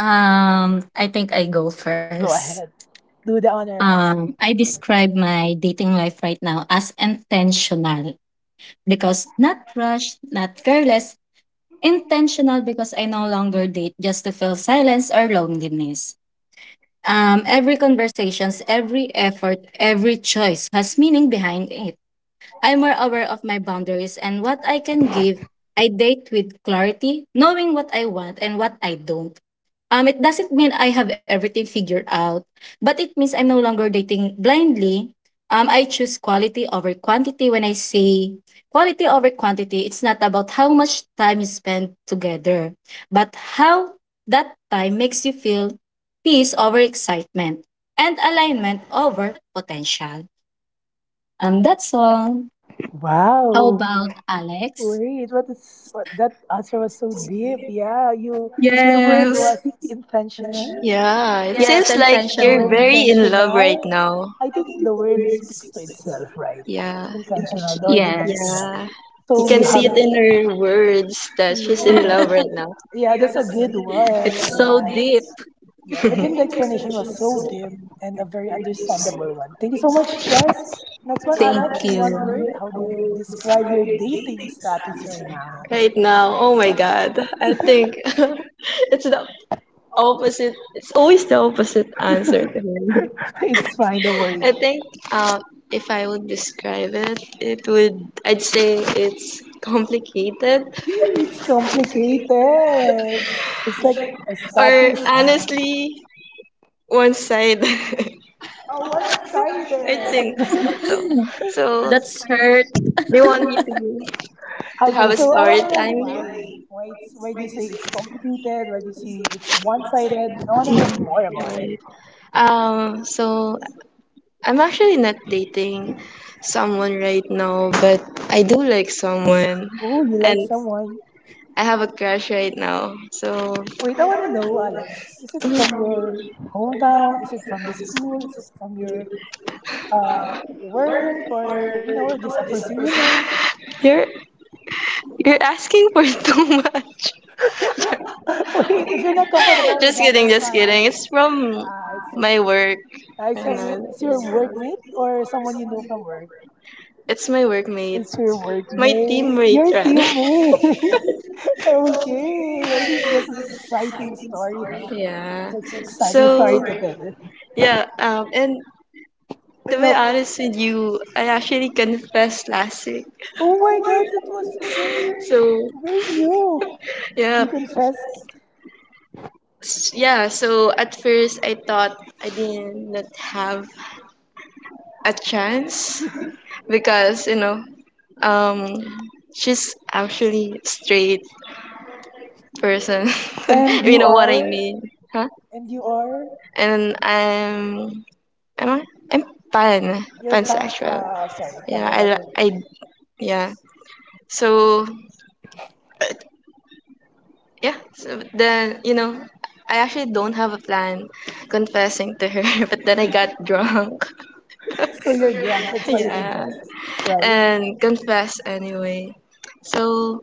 Speaker 3: Um, I think I go
Speaker 1: Go
Speaker 3: first.
Speaker 1: ahead. Do the honor.
Speaker 3: Um, I describe my dating life right now as intentional because not rushed, not careless, intentional because I no longer date just to fill silence or loneliness. Um, every conversations, every effort, every choice has meaning behind it. I'm more aware of my boundaries and what I can give. I date with clarity, knowing what I want and what I don't. Um, it doesn't mean I have everything figured out, but it means I'm no longer dating blindly. Um, I choose quality over quantity when I say quality over quantity. It's not about how much time you spend together, but how that time makes you feel peace over excitement and alignment over potential. Um, that's all. How
Speaker 1: Wow.
Speaker 3: about Alex?
Speaker 1: Wait, what is what that answer was so deep. Yeah, you your word
Speaker 3: Yes.
Speaker 1: was intentional.
Speaker 2: Yeah, it
Speaker 3: Yes,
Speaker 2: seems like
Speaker 1: The
Speaker 2: you're
Speaker 1: word
Speaker 3: intentional.
Speaker 2: very in love right
Speaker 1: intentional,
Speaker 2: now.
Speaker 1: I think the word speaks to itself, right?
Speaker 2: Yeah,
Speaker 1: Intentional, the word
Speaker 3: Yes.
Speaker 1: intentional.
Speaker 2: yeah. You
Speaker 1: So
Speaker 2: can
Speaker 1: you
Speaker 2: see
Speaker 1: have
Speaker 2: it
Speaker 1: to,
Speaker 2: in her words that she's in
Speaker 1: yeah,
Speaker 2: love
Speaker 3: <laughs>
Speaker 2: right now.
Speaker 1: yeah, that's a good one,
Speaker 3: It's so
Speaker 1: Jazz.
Speaker 3: deep.
Speaker 1: Yeah, even the explanation was so deep and a very understandable one. Thank you so much, Jess. Next one,
Speaker 3: Thank
Speaker 1: Alex, in one
Speaker 3: you.
Speaker 1: word, how do you describe your dating status right now?
Speaker 2: Right
Speaker 1: <laughs>
Speaker 2: now, oh my god. I think <laughs> it's the opposite. It's always the opposite answer to me.
Speaker 1: It's fine, don't worry.
Speaker 2: I
Speaker 1: <laughs>
Speaker 2: think um, if I would describe it, it would, I'd say it's complicated.
Speaker 1: Hmm, it's complicated. It's like a
Speaker 2: Or
Speaker 1: status, huh?
Speaker 2: honestly, one side. <laughs> I
Speaker 1: Oh, one sided.
Speaker 2: think so
Speaker 3: <laughs>
Speaker 2: so
Speaker 3: That's hurt.
Speaker 2: they want me to to have
Speaker 1: Okay,
Speaker 2: a
Speaker 1: so I want
Speaker 2: story
Speaker 1: to know
Speaker 2: time
Speaker 1: why. Why it's why do you say it's complicated? Why do you say it's one sided? I want to know more about it.
Speaker 2: here, um so I'm actually not dating someone right now, but I do like someone,
Speaker 1: Oh, you
Speaker 2: and
Speaker 1: like someone?
Speaker 2: I have a crush right now, so
Speaker 1: Wait, I want to know, Alex. Is it from
Speaker 2: mhm,
Speaker 1: your hometown? Is it from the school? Is it from your uh work or you know just a person you know?
Speaker 2: you're you're asking for <laughs> too much.
Speaker 1: <laughs> Wait, if you're not comfortable with
Speaker 2: Just
Speaker 1: that,
Speaker 2: kidding,
Speaker 1: it's
Speaker 2: just
Speaker 1: fine.
Speaker 2: kidding. It's from
Speaker 1: Uh, it's
Speaker 2: my work,
Speaker 1: uh, it's
Speaker 2: and
Speaker 1: from you-
Speaker 2: then,
Speaker 1: it's your
Speaker 2: yeah.
Speaker 1: workmate or someone you know from work.
Speaker 2: It's my workmate,
Speaker 1: It's your
Speaker 2: my
Speaker 1: workmate,
Speaker 2: teammate
Speaker 1: your
Speaker 2: rather. <laughs>
Speaker 1: teammate. <laughs> Okay, I think that's an exciting story, huh? It's
Speaker 2: Yeah.
Speaker 1: an exciting story
Speaker 2: So
Speaker 1: to tell.
Speaker 2: yeah, um, and
Speaker 1: I
Speaker 2: to be
Speaker 1: know.
Speaker 2: honest with you, I actually confessed last week.
Speaker 1: Oh my God, that was very,
Speaker 2: So
Speaker 1: very new.
Speaker 2: yeah,
Speaker 1: You confessed,
Speaker 2: S- yeah. So at first, I thought I did not have a chance because you know, um, she's actually straight person. <laughs> If
Speaker 1: and
Speaker 2: you
Speaker 1: you
Speaker 2: know what I
Speaker 1: are,
Speaker 2: mean, huh?
Speaker 1: and you are
Speaker 2: And I'm, am I? I'm pan,
Speaker 1: your pa.
Speaker 2: pansexual.
Speaker 1: Ah, sorry,
Speaker 2: Yeah,
Speaker 1: talking
Speaker 2: I,
Speaker 1: about your.
Speaker 2: li- I, yeah. So yeah, so then, you know, I actually don't have a plan confessing to her, <laughs> but then I got drunk.
Speaker 1: So you're drunk.
Speaker 2: <laughs>
Speaker 1: That's why you
Speaker 2: Yeah.
Speaker 1: confessed, right?
Speaker 2: And confess anyway. So,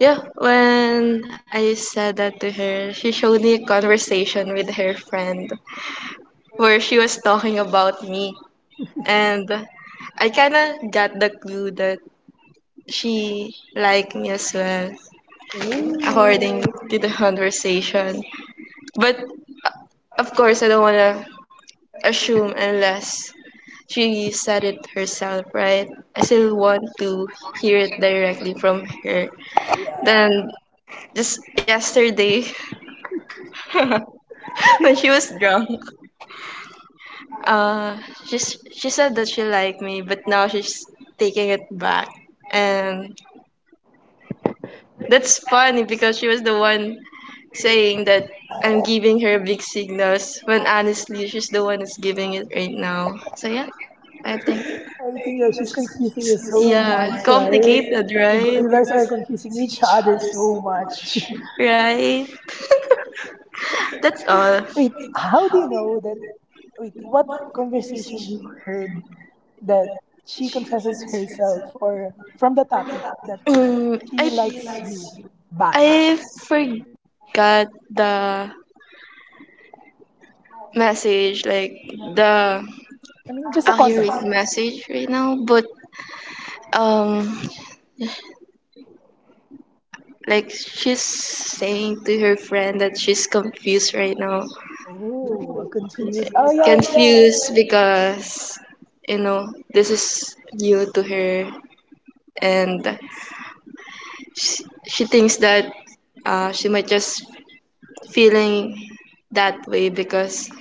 Speaker 2: yeah, when I said that to her, she showed me a conversation with her friend where she was talking about me. And I kind of got the clue that she liked me as well, according
Speaker 1: Ooh,
Speaker 2: to the <laughs> conversation. But of course, I don't want to assume unless she said it herself, right? I still want to hear it directly from her.
Speaker 1: yeah.
Speaker 2: Then just yesterday <laughs> when she was drunk, uh, she s- she said that she liked me, but now she's taking it back, and that's funny because she was the one saying that I'm giving her big signals when honestly she's the one that's giving it right now. So yeah, I think.
Speaker 1: I think yeah, she's confusing you so much,
Speaker 2: Yeah,
Speaker 1: right?
Speaker 2: complicated,
Speaker 1: You, go,
Speaker 2: right?
Speaker 1: you guys are confusing each other so much.
Speaker 2: Right. That's all.
Speaker 1: <laughs> Wait, how do you know that Wait, what conversation you heard that she confesses herself or from the topic that
Speaker 2: Mm,
Speaker 1: she likes
Speaker 2: I
Speaker 1: you back?
Speaker 2: I forgot the message, like the
Speaker 1: I mean, just a
Speaker 2: accurate
Speaker 1: context.
Speaker 2: message right now, but um like she's saying to her friend that she's confused right now.
Speaker 1: Oh, confused. Oh, yeah, yeah.
Speaker 2: Confused because you know, this is new to her, and sh- she thinks that uh, she might just feeling that way because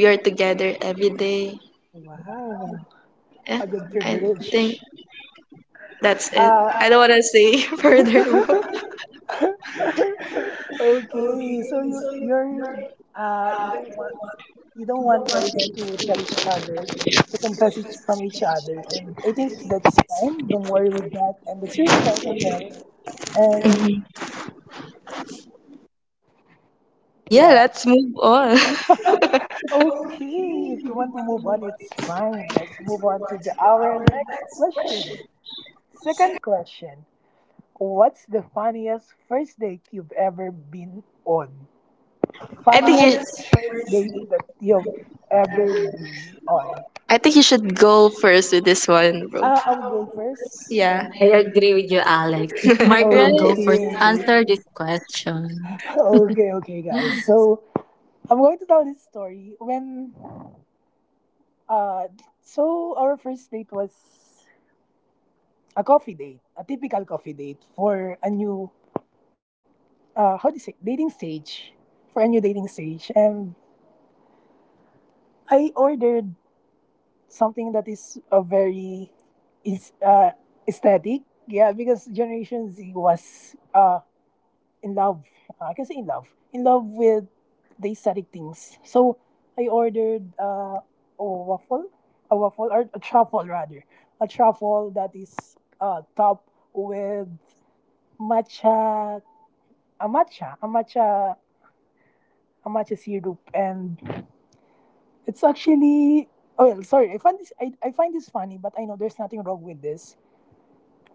Speaker 2: we are together every day.
Speaker 1: Wow, a
Speaker 2: Yeah,
Speaker 1: good
Speaker 2: I
Speaker 1: privilege.
Speaker 2: think that's it.
Speaker 1: Uh,
Speaker 2: I don't want to say <laughs>
Speaker 1: <laughs>
Speaker 2: further.
Speaker 1: okay, so you you're uh you don't want you don't want guys to tell each other to confess each from each other, and I think that's fine. Don't worry with that, and that's your story to tell. And
Speaker 2: Mhm. Yeah,
Speaker 1: yeah,
Speaker 2: let's move on. <laughs>
Speaker 1: okay. If you want to move on, it's fine. Let's move on to the our next question. Second question. What's the funniest first date you've ever been on?
Speaker 2: I think you.
Speaker 1: Funniest first date that you've ever been on?
Speaker 2: I think you should go first with this one, bro.
Speaker 1: Uh, I will go first.
Speaker 2: Yeah.
Speaker 3: I agree with you, Alex.
Speaker 2: <laughs>
Speaker 3: Mark will go
Speaker 2: Right?
Speaker 3: for
Speaker 1: Okay.
Speaker 3: answer this question.
Speaker 1: Okay, okay, guys.
Speaker 3: <laughs>
Speaker 1: So I'm going to tell this story. When uh so our first date was a coffee date, a typical coffee date for a new uh how do you say dating stage, for a new dating stage, and I ordered something that is a very is uh aesthetic, yeah, because Generation Z was uh in love, uh, I can say in love, in love with the aesthetic things. So I ordered uh a waffle, a waffle or a truffle rather, a truffle that is uh topped with matcha Amacha, amacha, amacha syrup, and it's actually oh well, sorry. I find this I, I find this funny, but I know there's nothing wrong with this.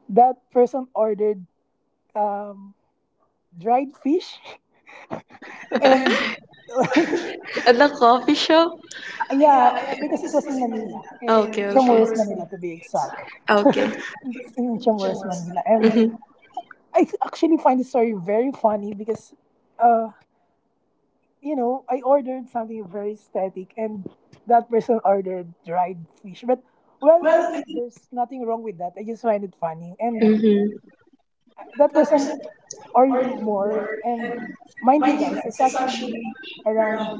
Speaker 1: That person ordered um, dried fish, <laughs> and <laughs>
Speaker 2: At the coffee shop?
Speaker 1: yeah, yeah, because it was in Manila and
Speaker 2: Okay, okay.
Speaker 1: Intramuros, Manila to be exact. <laughs>
Speaker 2: Okay.
Speaker 1: It's in Intramuros, Manila, and
Speaker 2: Mm-hmm.
Speaker 1: I th- actually find this story very funny because uh, you know, I ordered something very static and that person ordered dried fish. But, well, I think there's nothing wrong with that. I just find it funny. And uh, that person ordered more. And mind you, guys, it's actually around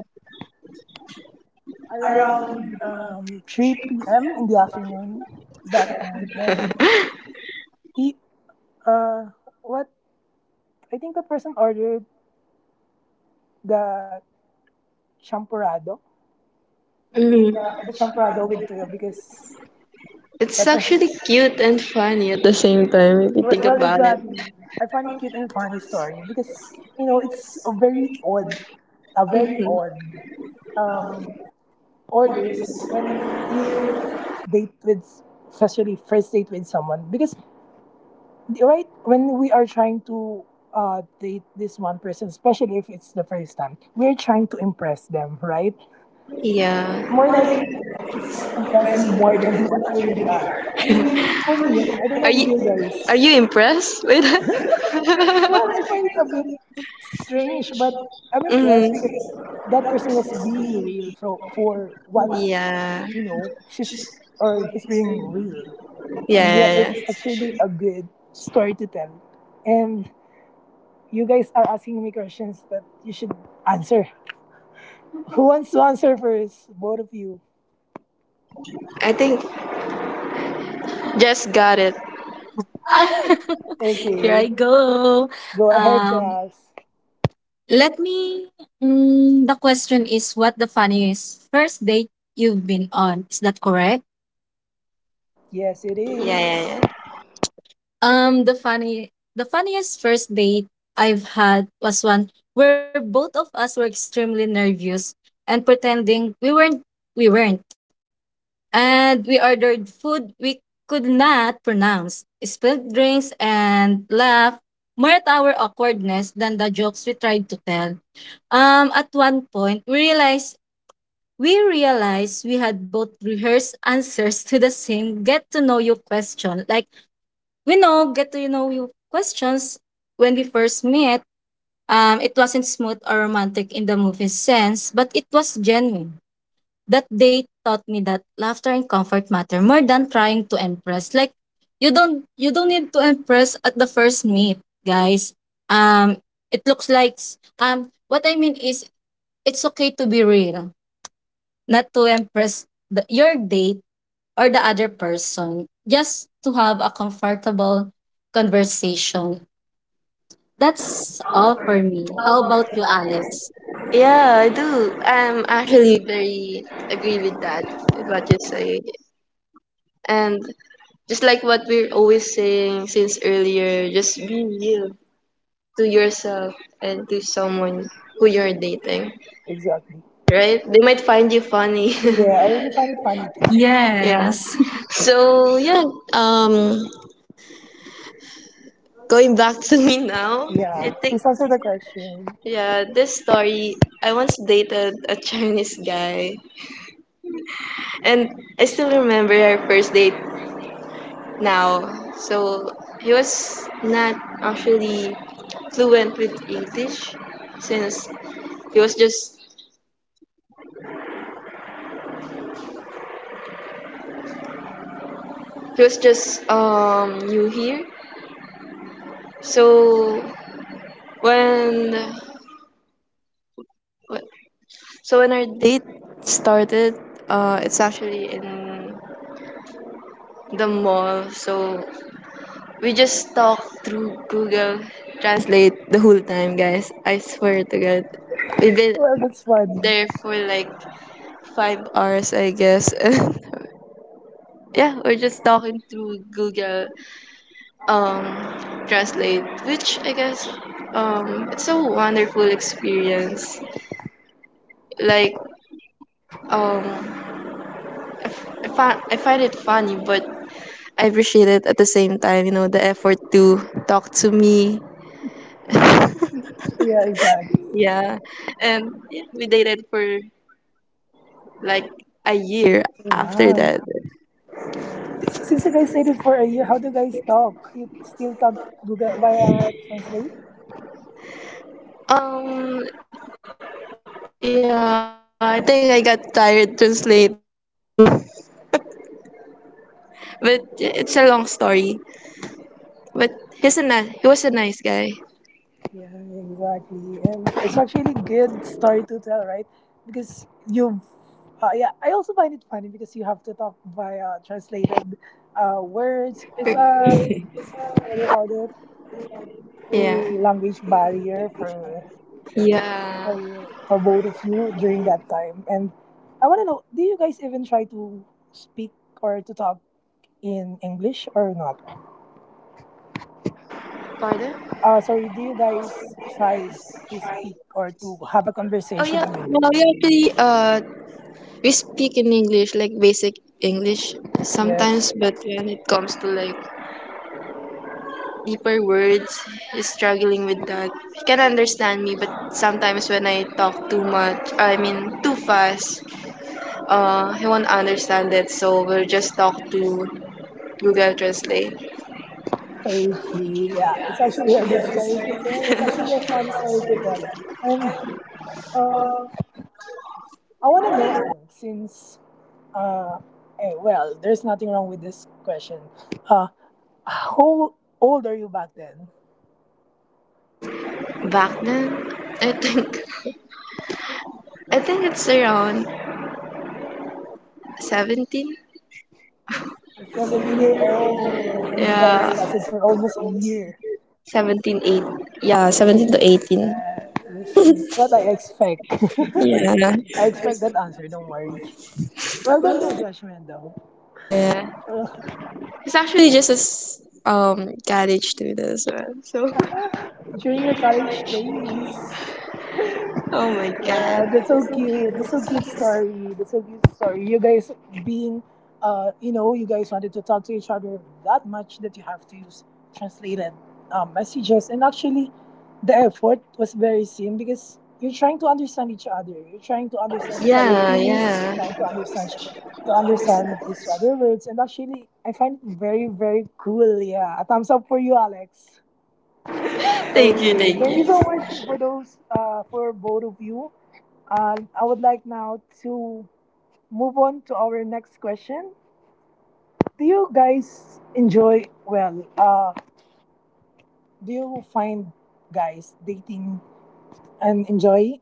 Speaker 1: around um, three p m in the afternoon that time. And he, uh, what, I think the person ordered the champurrado, the,
Speaker 2: Mm-hmm.
Speaker 1: the champurrado with tuyo because that
Speaker 2: It's actually cute and funny at the same time if you
Speaker 1: well,
Speaker 2: think
Speaker 1: well,
Speaker 2: about it.
Speaker 1: exactly. I find it cute and funny story because you know it's a very odd, a very
Speaker 2: <laughs>
Speaker 1: odd um orders when you date with, especially first date with someone because right when we are trying to uh date this one person, especially if it's the first time, we're trying to impress them, right? More
Speaker 2: Yeah.
Speaker 1: likely, it's impressing more <laughs> than what you really are. I mean, for me, I don't know
Speaker 2: Are
Speaker 1: with
Speaker 2: you
Speaker 1: you guys.
Speaker 2: are you impressed with
Speaker 1: Well,
Speaker 2: that?
Speaker 1: I find it a bit strange, but I'm
Speaker 2: <laughs>
Speaker 1: impressed
Speaker 2: Hmm.
Speaker 1: because that person was being real for for what
Speaker 2: Yeah. Yeah.
Speaker 1: you know she's or he's being real, and yeah,
Speaker 2: Yeah,
Speaker 1: that's
Speaker 2: yeah,
Speaker 1: actually a good story to tell. And you guys are asking me questions that you should answer. <laughs> Who wants to answer first? Both of you.
Speaker 2: I think just got it.
Speaker 3: Here
Speaker 1: Okay,
Speaker 3: I go.
Speaker 1: go ahead,
Speaker 3: Um,
Speaker 1: Jazz.
Speaker 3: Let me. Mm, the question is, what the funniest first date you've been on? Is that correct?
Speaker 1: Yes, it
Speaker 2: Yeah,
Speaker 1: is
Speaker 2: yeah, yeah.
Speaker 3: Um, the funny, the funniest first date I've had was one where both of us were extremely nervous and pretending we weren't, we weren't, and we ordered food we could not pronounce, spilled drinks, and laughed more at our awkwardness than the jokes we tried to tell. Um, at one point, we realized we realized we had both rehearsed answers <laughs> to the same get to know you question, like we know get to you know you questions when we first met. Um it wasn't smooth or romantic in the movie sense, but it was genuine. That date taught me that laughter and comfort matter more than trying to impress, like you don't you don't need to impress at the first meet, guys. um it looks like s- um what I mean is it's okay to be real, not to impress the, your date or the other person, just to have a comfortable conversation. That's all for me. How about you, Alex?
Speaker 2: Yeah, I do. I'm actually very agree with that, with what you say. And just like what we're always saying since earlier, just be real to yourself and to someone who you're dating.
Speaker 1: exactly.
Speaker 2: Right? They might find you funny.
Speaker 1: Yeah, I really find it funny too.
Speaker 2: <laughs> Yeah.
Speaker 3: Yes. <laughs>
Speaker 2: So yeah, um going back to <laughs> me now, I
Speaker 1: Yeah,
Speaker 2: think
Speaker 1: please answer the question.
Speaker 2: yeah, this story I once dated a Chinese guy, and I still remember our first date now. So he was not actually fluent with English since he was just he was just um new here. So when So when our date started, uh, it's actually in the mall. So we just talked through Google Translate the whole time, guys. I swear to God, we've been
Speaker 1: Well, that's funny.
Speaker 2: there for like five hours, I guess. <laughs> Yeah, we're just talking through Google um, Translate, which I guess um, it's a wonderful experience. Like, um, I, f- I, fi- I find it funny, but I appreciate it at the same time, you know, the effort to talk to me.
Speaker 1: Yeah, exactly.
Speaker 2: Yeah. And yeah, we dated for like a year after
Speaker 1: Wow.
Speaker 2: that.
Speaker 1: Since you guys stayed it for a year, how do you guys talk? You still talk Google via Translate?
Speaker 2: Um yeah, I think I got tired translating. <laughs> But it's a long story. But he's a nice, he was a nice guy.
Speaker 1: Yeah, exactly. And it's actually good story to tell, right? Because you've, uh, yeah, I also find it funny because you have to talk via translated uh,
Speaker 2: Er,
Speaker 1: words. It's a, what do you call it?
Speaker 2: Yeah.
Speaker 1: A language barrier for,
Speaker 2: Yeah.
Speaker 1: for, your- for both of you during that time. And I want to know, do you guys even try to speak or to talk in English or not?
Speaker 2: Pardon?
Speaker 1: Uh, sorry, do you guys try to speak or to
Speaker 2: Oh
Speaker 1: have a
Speaker 2: yeah. No,
Speaker 1: conversation
Speaker 2: we
Speaker 1: in English?
Speaker 2: actually uh we speak in English, like basic English sometimes,
Speaker 1: Yes.
Speaker 2: but when it comes to like deeper words is struggling with that. He can understand me, but sometimes when I talk too much, I mean too fast, uh, he won't understand it. So we'll just talk to Google Translate.
Speaker 1: Okay, yeah, it's actually a good story to tell. It's actually a fun story to tell. And uh, I want to know, Alex, since, uh, eh, well, there's nothing wrong with this question. Uh, how old are you back then?
Speaker 2: Back then, I think <laughs> I think it's around seventeen.
Speaker 1: You're seventeen year old, and you guys
Speaker 2: Yeah,
Speaker 1: lasted for almost a year.
Speaker 2: seventeen eight. Yeah, seventeen to eighteen.
Speaker 1: Yes, what I expect.
Speaker 2: Yeah,
Speaker 1: <laughs> I expect that answer, don't worry. Well, don't no judgment though.
Speaker 2: yeah.
Speaker 1: <laughs>
Speaker 2: It's actually just as um college student as well. So,
Speaker 1: During your college days,
Speaker 2: <laughs> oh my god.
Speaker 1: yeah, that's so cute. That's so cute story. That's so cute story. You guys being, uh, you know, you guys wanted to talk to each other that much that you have to use translated um, messages, and actually, the effort was very seen because you're trying to understand each other. You're trying to understand each other's
Speaker 2: Yeah,
Speaker 1: feelings. You're
Speaker 2: yeah.
Speaker 1: trying to understand to understand each other words, and actually, I find it very very cool. Yeah, a thumbs up for you, Alex.
Speaker 2: Thank you,
Speaker 1: Okay,
Speaker 2: thank
Speaker 1: thank you so much
Speaker 2: you.
Speaker 1: for those, uh, for both of you. Uh, I would like now to move on to our next question. Do you guys enjoy, well, uh, do you find guys dating and enjoy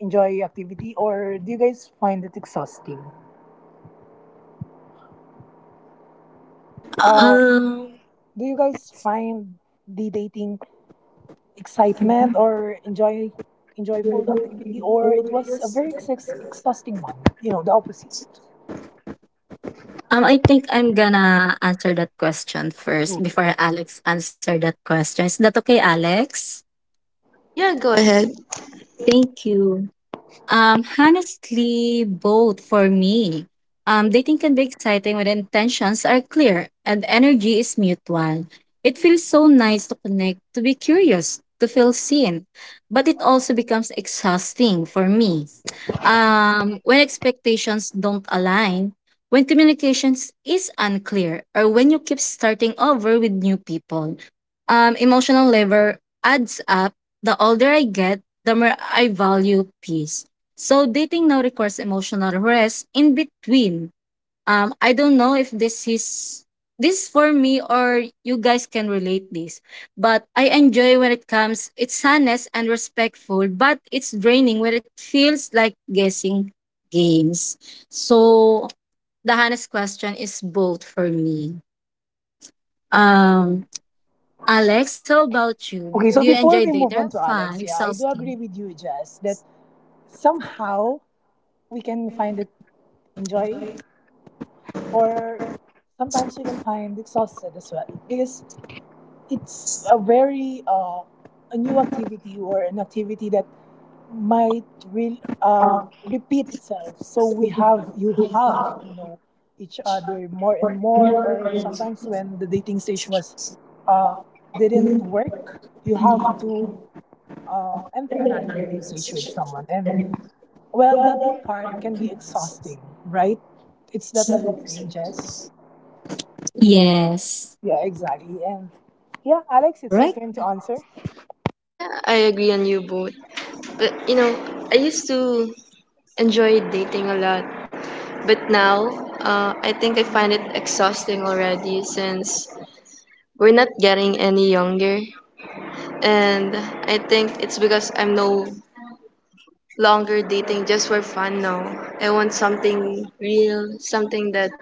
Speaker 1: enjoy activity or do you guys find it exhausting? Uh,
Speaker 3: Um,
Speaker 1: do you guys find the dating excitement or enjoy enjoyful activity or it was a very ex- exhausting one? You know, the opposite.
Speaker 3: um, I think I'm gonna answer that question first before Alex answer that question. Is that okay, Alex?
Speaker 2: Yeah, go ahead.
Speaker 3: Thank you. Um, honestly, both for me. Um, dating can be exciting when intentions are clear and energy is mutual. It feels so nice to connect, to be curious, to feel seen, but it also becomes exhausting for me. Um, when expectations don't align, when communications is unclear, or when you keep starting over with new people, um, emotional labor adds up. The older I get, the more I value peace. So dating now requires emotional rest in between. Um, I don't know if this is this for me or you guys can relate this, but I enjoy when it comes. It's honest and respectful, but it's draining when it feels like guessing games. So the honest question is both for me. Um, Alex, how about you?
Speaker 1: Okay,
Speaker 3: Do
Speaker 1: so
Speaker 3: you enjoy
Speaker 1: before we move
Speaker 3: data?
Speaker 1: on to
Speaker 3: Fun,
Speaker 1: Alex, yeah, I do
Speaker 3: exhausting.
Speaker 1: agree with you, Jess, that somehow we can find it enjoy or sometimes we can find exhausted as well because it's a very uh, a new activity or an activity that might re- uh, repeat itself so we have you have to know each other more and more or sometimes when the dating stage was uh, didn't work you have to uh, enter another dating stage with someone and well, that part can be exhausting, right? It's that what you're saying, Jess?
Speaker 3: Yes.
Speaker 1: Yeah, exactly. And yeah, Alex, it's your
Speaker 3: Correct.
Speaker 1: turn to answer.
Speaker 2: Yeah, I agree on you both. But you know, I used to enjoy dating a lot, but now uh, I think I find it exhausting already since we're not getting any younger, and I think it's because I'm no longer dating just for fun now. I want something real, something that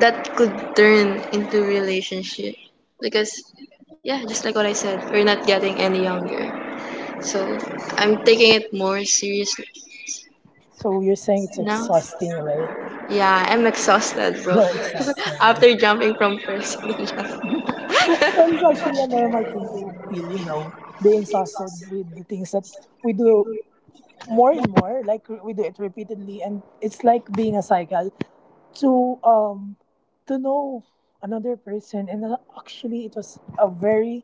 Speaker 2: that could turn into relationship because yeah just like what I said we're not getting any younger, so I'm taking it more seriously
Speaker 1: So you're saying it's
Speaker 2: now.
Speaker 1: exhausting, right?
Speaker 2: Yeah, I'm exhausted, bro.
Speaker 1: You're
Speaker 2: <laughs>
Speaker 1: exhausted.
Speaker 2: After jumping from first <laughs> ninja.
Speaker 1: Well, it's actually a normal thing to feel, you know, being exhausted with the things that we do more and more. Like we do it repeatedly, and it's like being a cycle. to um to know another person and uh, actually it was a very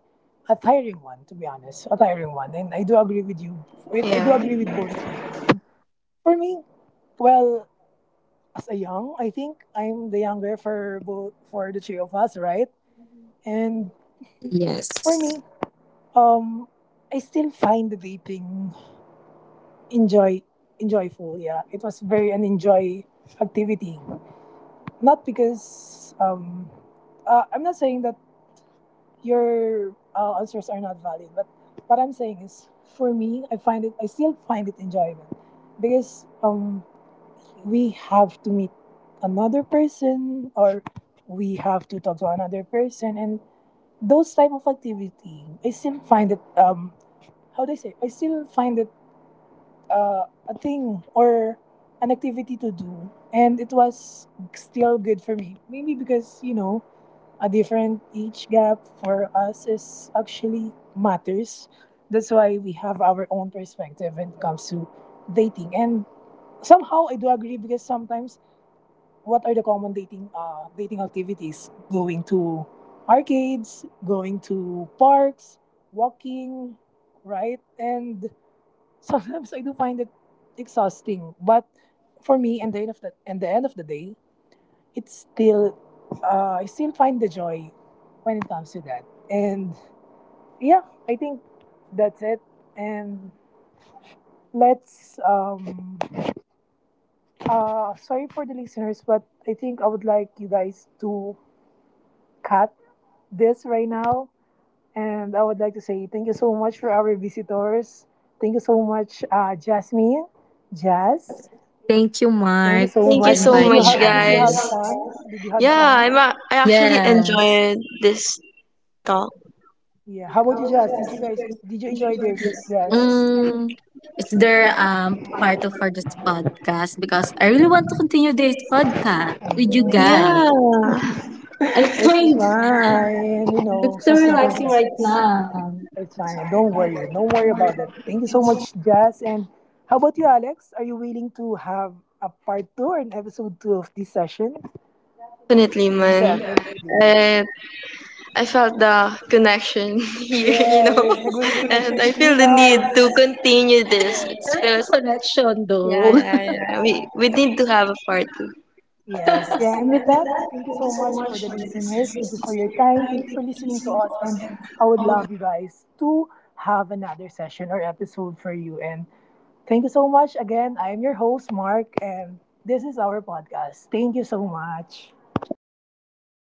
Speaker 1: a tiring one to be honest, a tiring one, and I do agree with you with I do
Speaker 2: Yeah,
Speaker 1: agree with both of you guys. And for me, well, as a young, I think I'm the younger for both for the three of us, right? And for
Speaker 3: Yes.
Speaker 1: me, um I still find the dating enjoy enjoyful, yeah, it was very an enjoy activity. Not because um uh, I'm not saying that your uh, answers are not valid. But what I'm saying is, for me, I find it, I still find it enjoyable because um, we have to meet another person or we have to talk to another person, and those type of activity, I still find it um, how do I say? I still find it uh, a thing or an activity to do, and it was still good for me. Maybe because you know a different age gap for us is actually matters. That's why we have our own perspective when it comes to dating. And somehow I do agree because sometimes what are the common dating uh, dating activities? Going to arcades, going to parks, walking, right? And sometimes I do find it exhausting. But for me, and the end of the and the end of the day, it's still uh, I still find the joy when it comes to that. And yeah, I think that's it. And let's um uh sorry for the listeners, but I think I would like you guys to cut this right now. And I would like to say thank you so much for our visitors. Thank you so much, uh, Jasmine, Jazz.
Speaker 3: Thank you,
Speaker 1: Thank you
Speaker 3: Mark,
Speaker 1: so
Speaker 2: thank
Speaker 3: for
Speaker 2: you
Speaker 1: much.
Speaker 2: so
Speaker 1: Did you
Speaker 2: much,
Speaker 3: inviting
Speaker 1: ha- did you
Speaker 2: guys.
Speaker 1: have
Speaker 3: us.
Speaker 1: fun? Did you have
Speaker 2: Yeah,
Speaker 1: fun?
Speaker 2: i'm a- I actually
Speaker 3: Yes.
Speaker 2: enjoyed this talk.
Speaker 1: Yeah. How about you, Jazz? Did you guys did you enjoy this? Yes.
Speaker 3: Mm, is there um part of for this podcast because I really want to continue this podcast with you
Speaker 1: Mhm.
Speaker 2: Yeah,
Speaker 3: guys. <laughs> I
Speaker 1: It's
Speaker 3: find
Speaker 1: fine. You
Speaker 3: it's
Speaker 1: know,
Speaker 3: so
Speaker 1: some hindrance.
Speaker 3: relaxing
Speaker 1: Are-
Speaker 3: right now.
Speaker 1: It's fine. Don't worry. Don't worry about it. Thank you so much, Jazz. And how about you, Alex? Are you willing to have a part two or an episode two of this session?
Speaker 2: definitely, man. I
Speaker 1: Definitely.
Speaker 2: I felt the connection <laughs> here, you know, <laughs>
Speaker 1: Yes, the great
Speaker 2: And
Speaker 1: connection
Speaker 2: I feel
Speaker 1: between
Speaker 2: the need to
Speaker 1: us.
Speaker 2: continue this.
Speaker 1: Yeah.
Speaker 2: It feels,
Speaker 3: <laughs> Connection
Speaker 2: yeah,
Speaker 3: though.
Speaker 2: yeah, yeah. We we
Speaker 1: Right.
Speaker 2: need to have a part two.
Speaker 1: Yes, yeah. And with that, thank you so much for the listeners. Thank you for your time. Thank you for listening to us. And I would love you guys to have another session or episode for you. And thank you so much again. I'm your host, Mark, and this is our podcast. Thank you so much.
Speaker 3: <laughs>